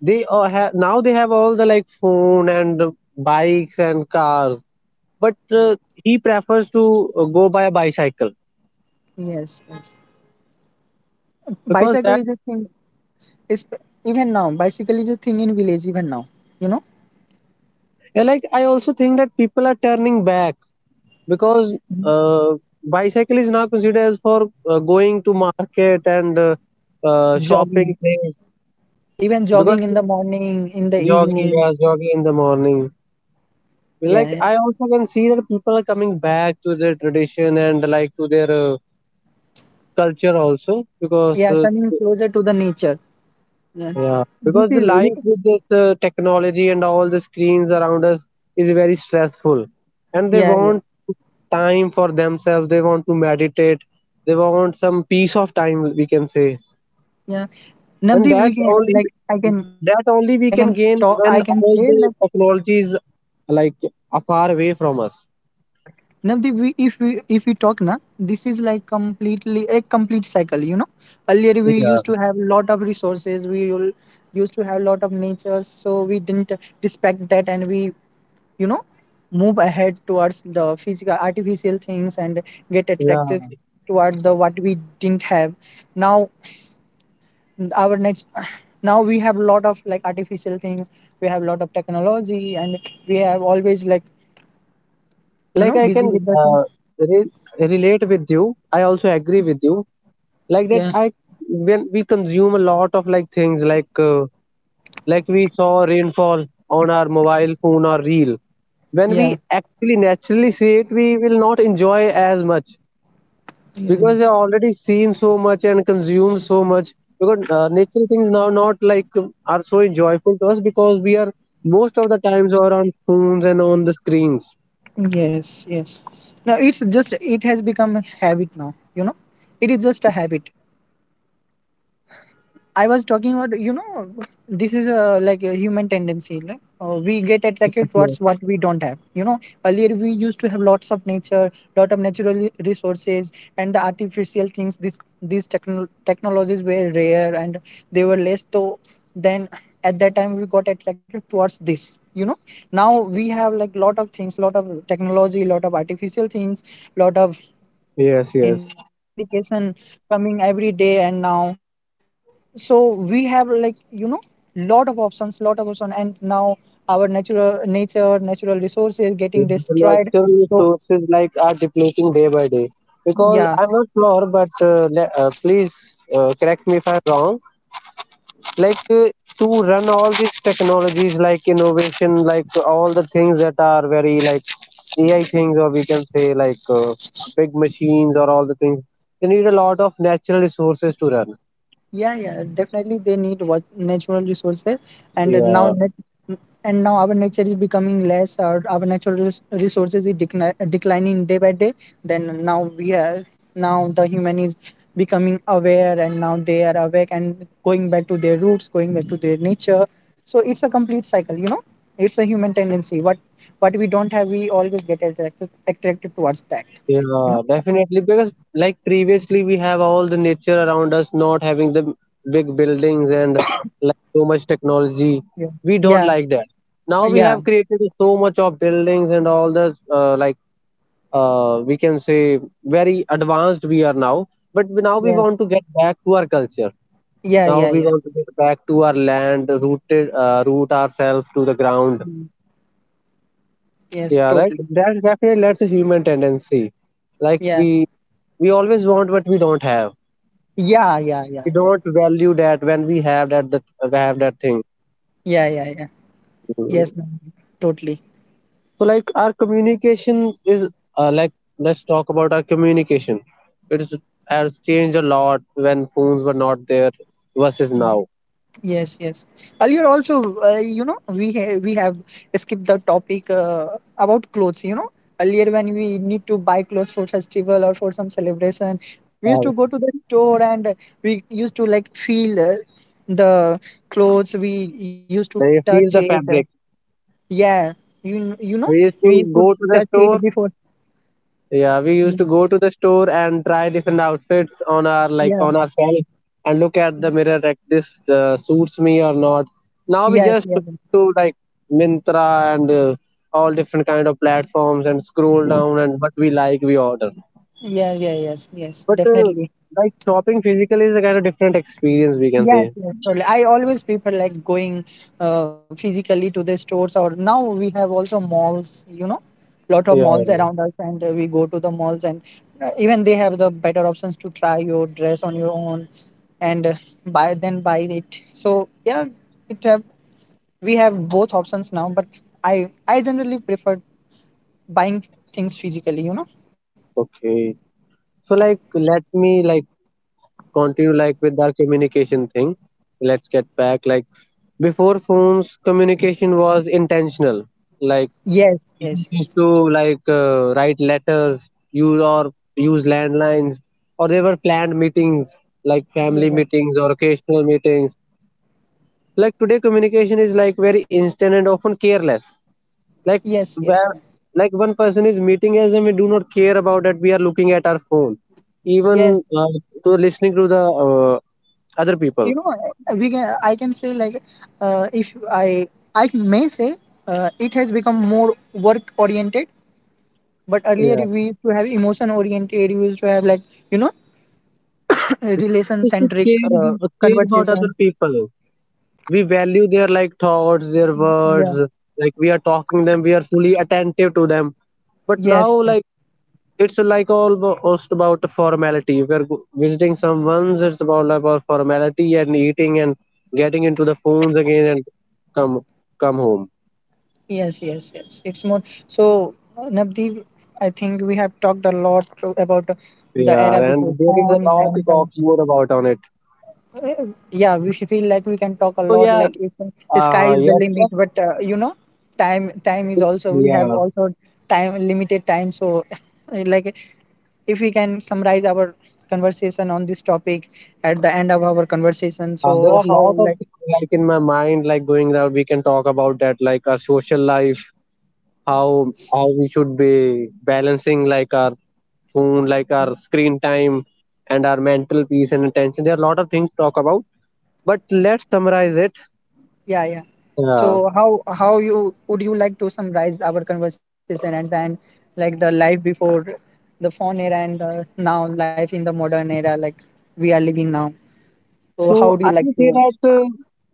Speaker 2: they all have now they have all the like phone and bikes and cars but he prefers to go by a bicycle
Speaker 1: Yes, yes,
Speaker 2: because
Speaker 1: bicycle
Speaker 2: that
Speaker 1: is a thing is even now. Bicycle is a thing in village even now, you know.
Speaker 2: yeah, like I also think that people are turning back because
Speaker 1: Mhm.
Speaker 2: uh, bicycle is now considered as for going to market and shopping
Speaker 1: Jogging,
Speaker 2: things
Speaker 1: even
Speaker 2: because
Speaker 1: jogging in the morning, in the
Speaker 2: jogging,
Speaker 1: evening.
Speaker 2: yeah, jogging in the morning.
Speaker 1: Yeah,
Speaker 2: Like
Speaker 1: yeah,
Speaker 2: I also can see that people are coming back to their tradition and like to their culture also because
Speaker 1: yeah, coming closer to the nature. Yeah,
Speaker 2: yeah,
Speaker 1: this
Speaker 2: because the
Speaker 1: is
Speaker 2: life
Speaker 1: really-
Speaker 2: with this technology and all the screens around us is very stressful, and they
Speaker 1: yeah, yeah,
Speaker 2: want time for themselves. They want to meditate. They want some peace of time, we can say,
Speaker 1: yeah.
Speaker 2: and
Speaker 1: Navdeep, we can like
Speaker 2: that
Speaker 1: I can
Speaker 2: only we can
Speaker 1: talk, I
Speaker 2: gain
Speaker 1: can say
Speaker 2: when
Speaker 1: like
Speaker 2: all the technology is like far away from us.
Speaker 1: Navdeep, we, if we talk na, this is like complete cycle. You know, earlier we
Speaker 2: Yeah,
Speaker 1: used to have lot of resources. We will- used to have lot of nature, so we didn't respect that, and we you know move ahead towards the physical artificial things and get
Speaker 2: yeah.
Speaker 1: attracted towards the what we didn't have. Now our next now we have lot of like artificial things. We have lot of technology, and we have always like you
Speaker 2: Like
Speaker 1: know
Speaker 2: I
Speaker 1: busy
Speaker 2: can
Speaker 1: with the thing.
Speaker 2: re- relate with you. I also agree with you like that
Speaker 1: Yeah,
Speaker 2: I when we consume a lot of like things like we saw rainfall on our mobile phone or reel when we
Speaker 1: yeah,
Speaker 2: actually naturally see it we will not enjoy as much
Speaker 1: yeah.
Speaker 2: because we have already seen so much and consumed so much. Because natural things now not like are so joyful to us because we are most of the times are on phones and on the screens.
Speaker 1: Yes, yes. Now it's just it has become a habit now, you know. It is just a habit. I was talking about, you know, this is like a human tendency. Like, we get
Speaker 2: Yes,
Speaker 1: attracted
Speaker 2: yes,
Speaker 1: towards what we don't have. You know, earlier we used to have lots of nature, lot of natural resources, and the artificial things. This these techno- technologies were rare and they were less. So then, at that time, we got attracted towards this. You know, now we have like lot of things, lot of technology, lot of artificial things, lot of
Speaker 2: yes,
Speaker 1: you know
Speaker 2: yes.
Speaker 1: application coming every day, and now so we have like you know lot of options, lot of options, and now our natural resources getting
Speaker 2: The
Speaker 1: destroyed.
Speaker 2: natural
Speaker 1: So
Speaker 2: resources like are depleting day by day because
Speaker 1: yeah,
Speaker 2: I'm not sure but please correct me if I'm wrong. Like to run all these technologies like innovation like all the things that are very like ai things or we can say like big machines or all the things, they need a lot of natural resources to run.
Speaker 1: yeah, yeah, definitely they need what natural resources, and
Speaker 2: Yeah.
Speaker 1: now net, and now our nature is becoming less, or our natural resources is declining day by day. Then now we are Now the human is becoming aware, and now they are awake and going back to their roots, going back to their nature. So it's a complete cycle, you know. It's a human tendency. What we don't have, we always get attracted towards that, you
Speaker 2: Yeah,
Speaker 1: know.
Speaker 2: definitely. Because like previously we have all the nature around us, not having the big buildings and like so much technology.
Speaker 1: Yeah,
Speaker 2: We don't
Speaker 1: yeah,
Speaker 2: like that. Now we
Speaker 1: yeah,
Speaker 2: have created so much of buildings and all the like we can say very advanced we are now. But now we want to get back to our culture.
Speaker 1: yeah,
Speaker 2: Now
Speaker 1: yeah,
Speaker 2: we
Speaker 1: yeah,
Speaker 2: want to get back to our land, rooted, root ourselves to the ground.
Speaker 1: yeah. Yes,
Speaker 2: Yeah, like
Speaker 1: totally.
Speaker 2: that definitely that's a human tendency. Like
Speaker 1: Yeah.
Speaker 2: we always want what we don't have.
Speaker 1: Yeah, yeah, yeah,
Speaker 2: We
Speaker 1: yeah.
Speaker 2: don't value that when we have that we have that thing.
Speaker 1: Yeah, yeah, yeah. Yes,
Speaker 2: Mhm.
Speaker 1: Nandini, totally.
Speaker 2: So like our communication is like let's talk about our communication. It is, has changed a lot when phones were not there versus
Speaker 1: Mm.
Speaker 2: now.
Speaker 1: Yes, yes. Earlier also, you know, we have skipped the topic about clothes, you know. Earlier when we need to buy clothes for festival or for some celebration, we used to
Speaker 2: Uh,
Speaker 1: go to the store and we used to like feel the clothes. We used to
Speaker 2: Now
Speaker 1: touch
Speaker 2: feel the
Speaker 1: it.
Speaker 2: fabric.
Speaker 1: Yeah, you know,
Speaker 2: I used
Speaker 1: we
Speaker 2: to
Speaker 1: used to
Speaker 2: go to the
Speaker 1: touch it
Speaker 2: store.
Speaker 1: before.
Speaker 2: Yeah, we used
Speaker 1: Yeah,
Speaker 2: to go to the store and try different outfits on our like
Speaker 1: yeah,
Speaker 2: on ourselves and look at the mirror like this suits me or not. Now we
Speaker 1: yes,
Speaker 2: just
Speaker 1: yes.
Speaker 2: do like Mintra and all different kind of platforms and scroll down and what we like we order.
Speaker 1: Yeah, yeah, yes, yes,
Speaker 2: But
Speaker 1: definitely.
Speaker 2: like shopping physically is a kind of different experience we can
Speaker 1: Yes,
Speaker 2: say.
Speaker 1: yes, totally. I always prefer like going physically to the stores, or now we have also malls, you know, lot of malls
Speaker 2: Yeah.
Speaker 1: around us, and we go to the malls, and even they have the better options to try your dress on your own and buy it. So yeah, it have we have both options now, but I generally prefer buying things physically, you know.
Speaker 2: Okay. So like let me like continue like with our communication thing. Let's get back like before phones communication was intentional, like
Speaker 1: Yes, yes,
Speaker 2: people
Speaker 1: yes.
Speaker 2: used to like write letters, use or use landlines or they were planned meetings like family
Speaker 1: Yeah.
Speaker 2: meetings or occasional meetings. Like today communication is like very instant and often careless, like
Speaker 1: Yes, yes.
Speaker 2: where like one person is meeting us and we do not care about that we are looking at our phone,
Speaker 1: Yes,
Speaker 2: even to listening to the other people.
Speaker 1: you know, we can say like if I I may say it has become more work oriented, but earlier
Speaker 2: Yeah.
Speaker 1: we used to have emotion oriented. We used to have like you know relation
Speaker 2: Just to
Speaker 1: centric
Speaker 2: care, care about other
Speaker 1: conversation.
Speaker 2: people. We value their like thoughts, their words.
Speaker 1: Yeah,
Speaker 2: Like we are talking them, we are fully attentive to them. But now,
Speaker 1: yes, yes,
Speaker 2: like it's like almost about a formality. If we're go- Visiting someone's, it's about like, about formality and eating and getting into the phones again and come come home.
Speaker 1: yes, yes, yes. It's more so Navdeep, I think we have talked a lot about the era
Speaker 2: Yeah,
Speaker 1: before
Speaker 2: and there is a
Speaker 1: phone
Speaker 2: lot
Speaker 1: then
Speaker 2: to
Speaker 1: the
Speaker 2: talk more about on it.
Speaker 1: Uh, yeah we feel like we can talk a
Speaker 2: So
Speaker 1: lot
Speaker 2: yeah,
Speaker 1: like if the sky is the
Speaker 2: yes,
Speaker 1: limit,
Speaker 2: yes,
Speaker 1: but you know time is also we have
Speaker 2: yeah.
Speaker 1: also time limited time so like if we can summarize our conversation on this topic at the end of our conversation.
Speaker 2: There
Speaker 1: So
Speaker 2: are a
Speaker 1: how
Speaker 2: lot of
Speaker 1: like
Speaker 2: things like in my mind, like going around. We can talk about that, like our social life, how we should be balancing like our phone, like our screen time, and our mental peace and attention. There are a lot of things to talk about, but let's summarize it.
Speaker 1: yeah, yeah,
Speaker 2: Yeah.
Speaker 1: so how you would you like to summarize our conversation and then like the life before the phone era and now life in the modern era like we are living now. So how do
Speaker 2: So
Speaker 1: you
Speaker 2: I
Speaker 1: like
Speaker 2: will say
Speaker 1: to
Speaker 2: that,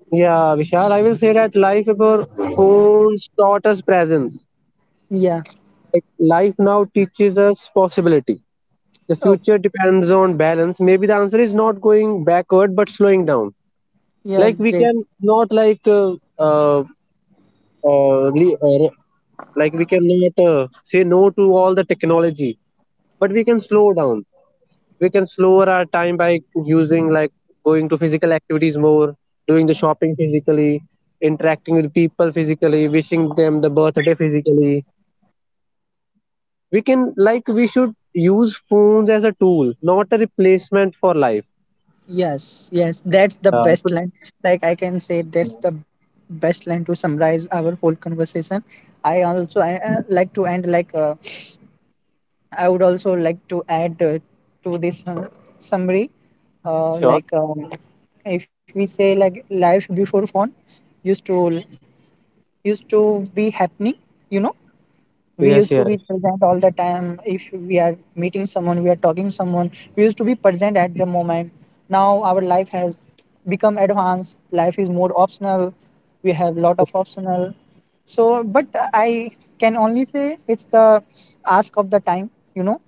Speaker 2: yeah, Vishal, I will say that life before phones taught us presence.
Speaker 1: yeah.
Speaker 2: Like life now teaches us possibility. The
Speaker 1: Oh,
Speaker 2: future depends on balance. Maybe the answer is not going backward but slowing down.
Speaker 1: yeah,
Speaker 2: Like we
Speaker 1: great.
Speaker 2: can not like uh, uh, re- uh, like we cannot say no to all the technology, but we can slow down. We can slower our time by using like going to physical activities more, doing the shopping physically, interacting with people physically, wishing them the birthday physically. We can like we should use phones as a tool, not a replacement for life.
Speaker 1: Yes, yes, that's the
Speaker 2: uh,
Speaker 1: best
Speaker 2: so
Speaker 1: line. Like I can say that's the best line to summarize our whole conversation. I like to end like I would also like to add to this summary, uh,
Speaker 2: sure.
Speaker 1: like um, if we say like life before phone used to used to be happening, you know, we used to
Speaker 2: Yes,
Speaker 1: be
Speaker 2: yes,
Speaker 1: present all the time. If we are meeting someone, we are talking someone, we used to be present at the moment. Now our life has become advanced. Life is more optional. We have lot of optional, so but I can only say it's the ask of the time, you know.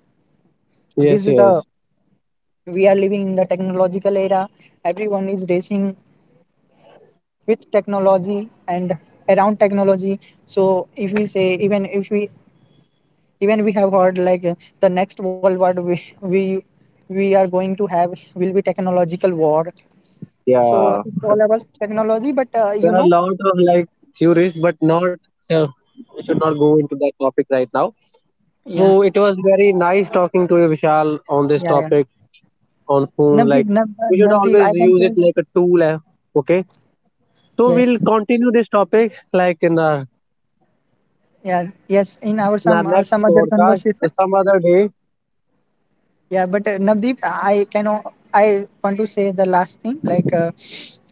Speaker 1: This
Speaker 2: yes,
Speaker 1: is the
Speaker 2: yes.
Speaker 1: we are living in the technological era. Everyone is racing with technology and around technology. So if we say even if we even we have heard like the next world war we are going to have will be technological war.
Speaker 2: Yeah.
Speaker 1: So it's all about technology, but
Speaker 2: There are
Speaker 1: you
Speaker 2: a
Speaker 1: know,
Speaker 2: lot of like theories, but not so we should not go into that topic right now.
Speaker 1: yeah,
Speaker 2: So it was very nice talking to you, Vishal, on this
Speaker 1: yeah, yeah.
Speaker 2: topic on phone.
Speaker 1: Navdeep,
Speaker 2: Like we should
Speaker 1: Navdeep,
Speaker 2: always
Speaker 1: I can
Speaker 2: use
Speaker 1: say
Speaker 2: it
Speaker 1: that-
Speaker 2: like a tool. Eh, okay. So
Speaker 1: yes,
Speaker 2: we'll continue this topic like
Speaker 1: yeah, yes. In our
Speaker 2: in our next
Speaker 1: some other
Speaker 2: podcast
Speaker 1: conversation.
Speaker 2: or some other day.
Speaker 1: Yeah, but Navdeep, I want to say the last thing like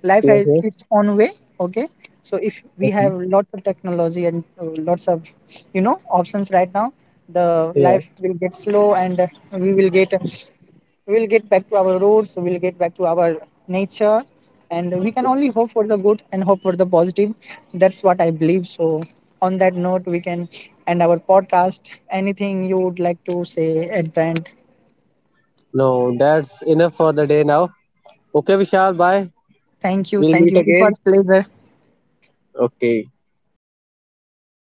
Speaker 1: life
Speaker 2: Yes,
Speaker 1: has
Speaker 2: yes.
Speaker 1: its own way. Okay, so if we
Speaker 2: Okay.
Speaker 1: have lots of technology and lots of you know options right now, the
Speaker 2: Yeah.
Speaker 1: life will get slow, and we will get we will get back to our roots. We will get back to our nature, and we can only hope for the good and hope for the positive. That's what I believe. So on that note, we can end our podcast. Anything you would like to say at the end?
Speaker 2: No, that's enough for the day now. Okay, Vishal, bye.
Speaker 1: Thank you.
Speaker 2: We'll
Speaker 1: Thank
Speaker 2: meet
Speaker 1: you. It
Speaker 2: again.
Speaker 1: was pleasure.
Speaker 2: Okay.
Speaker 1: Thanks.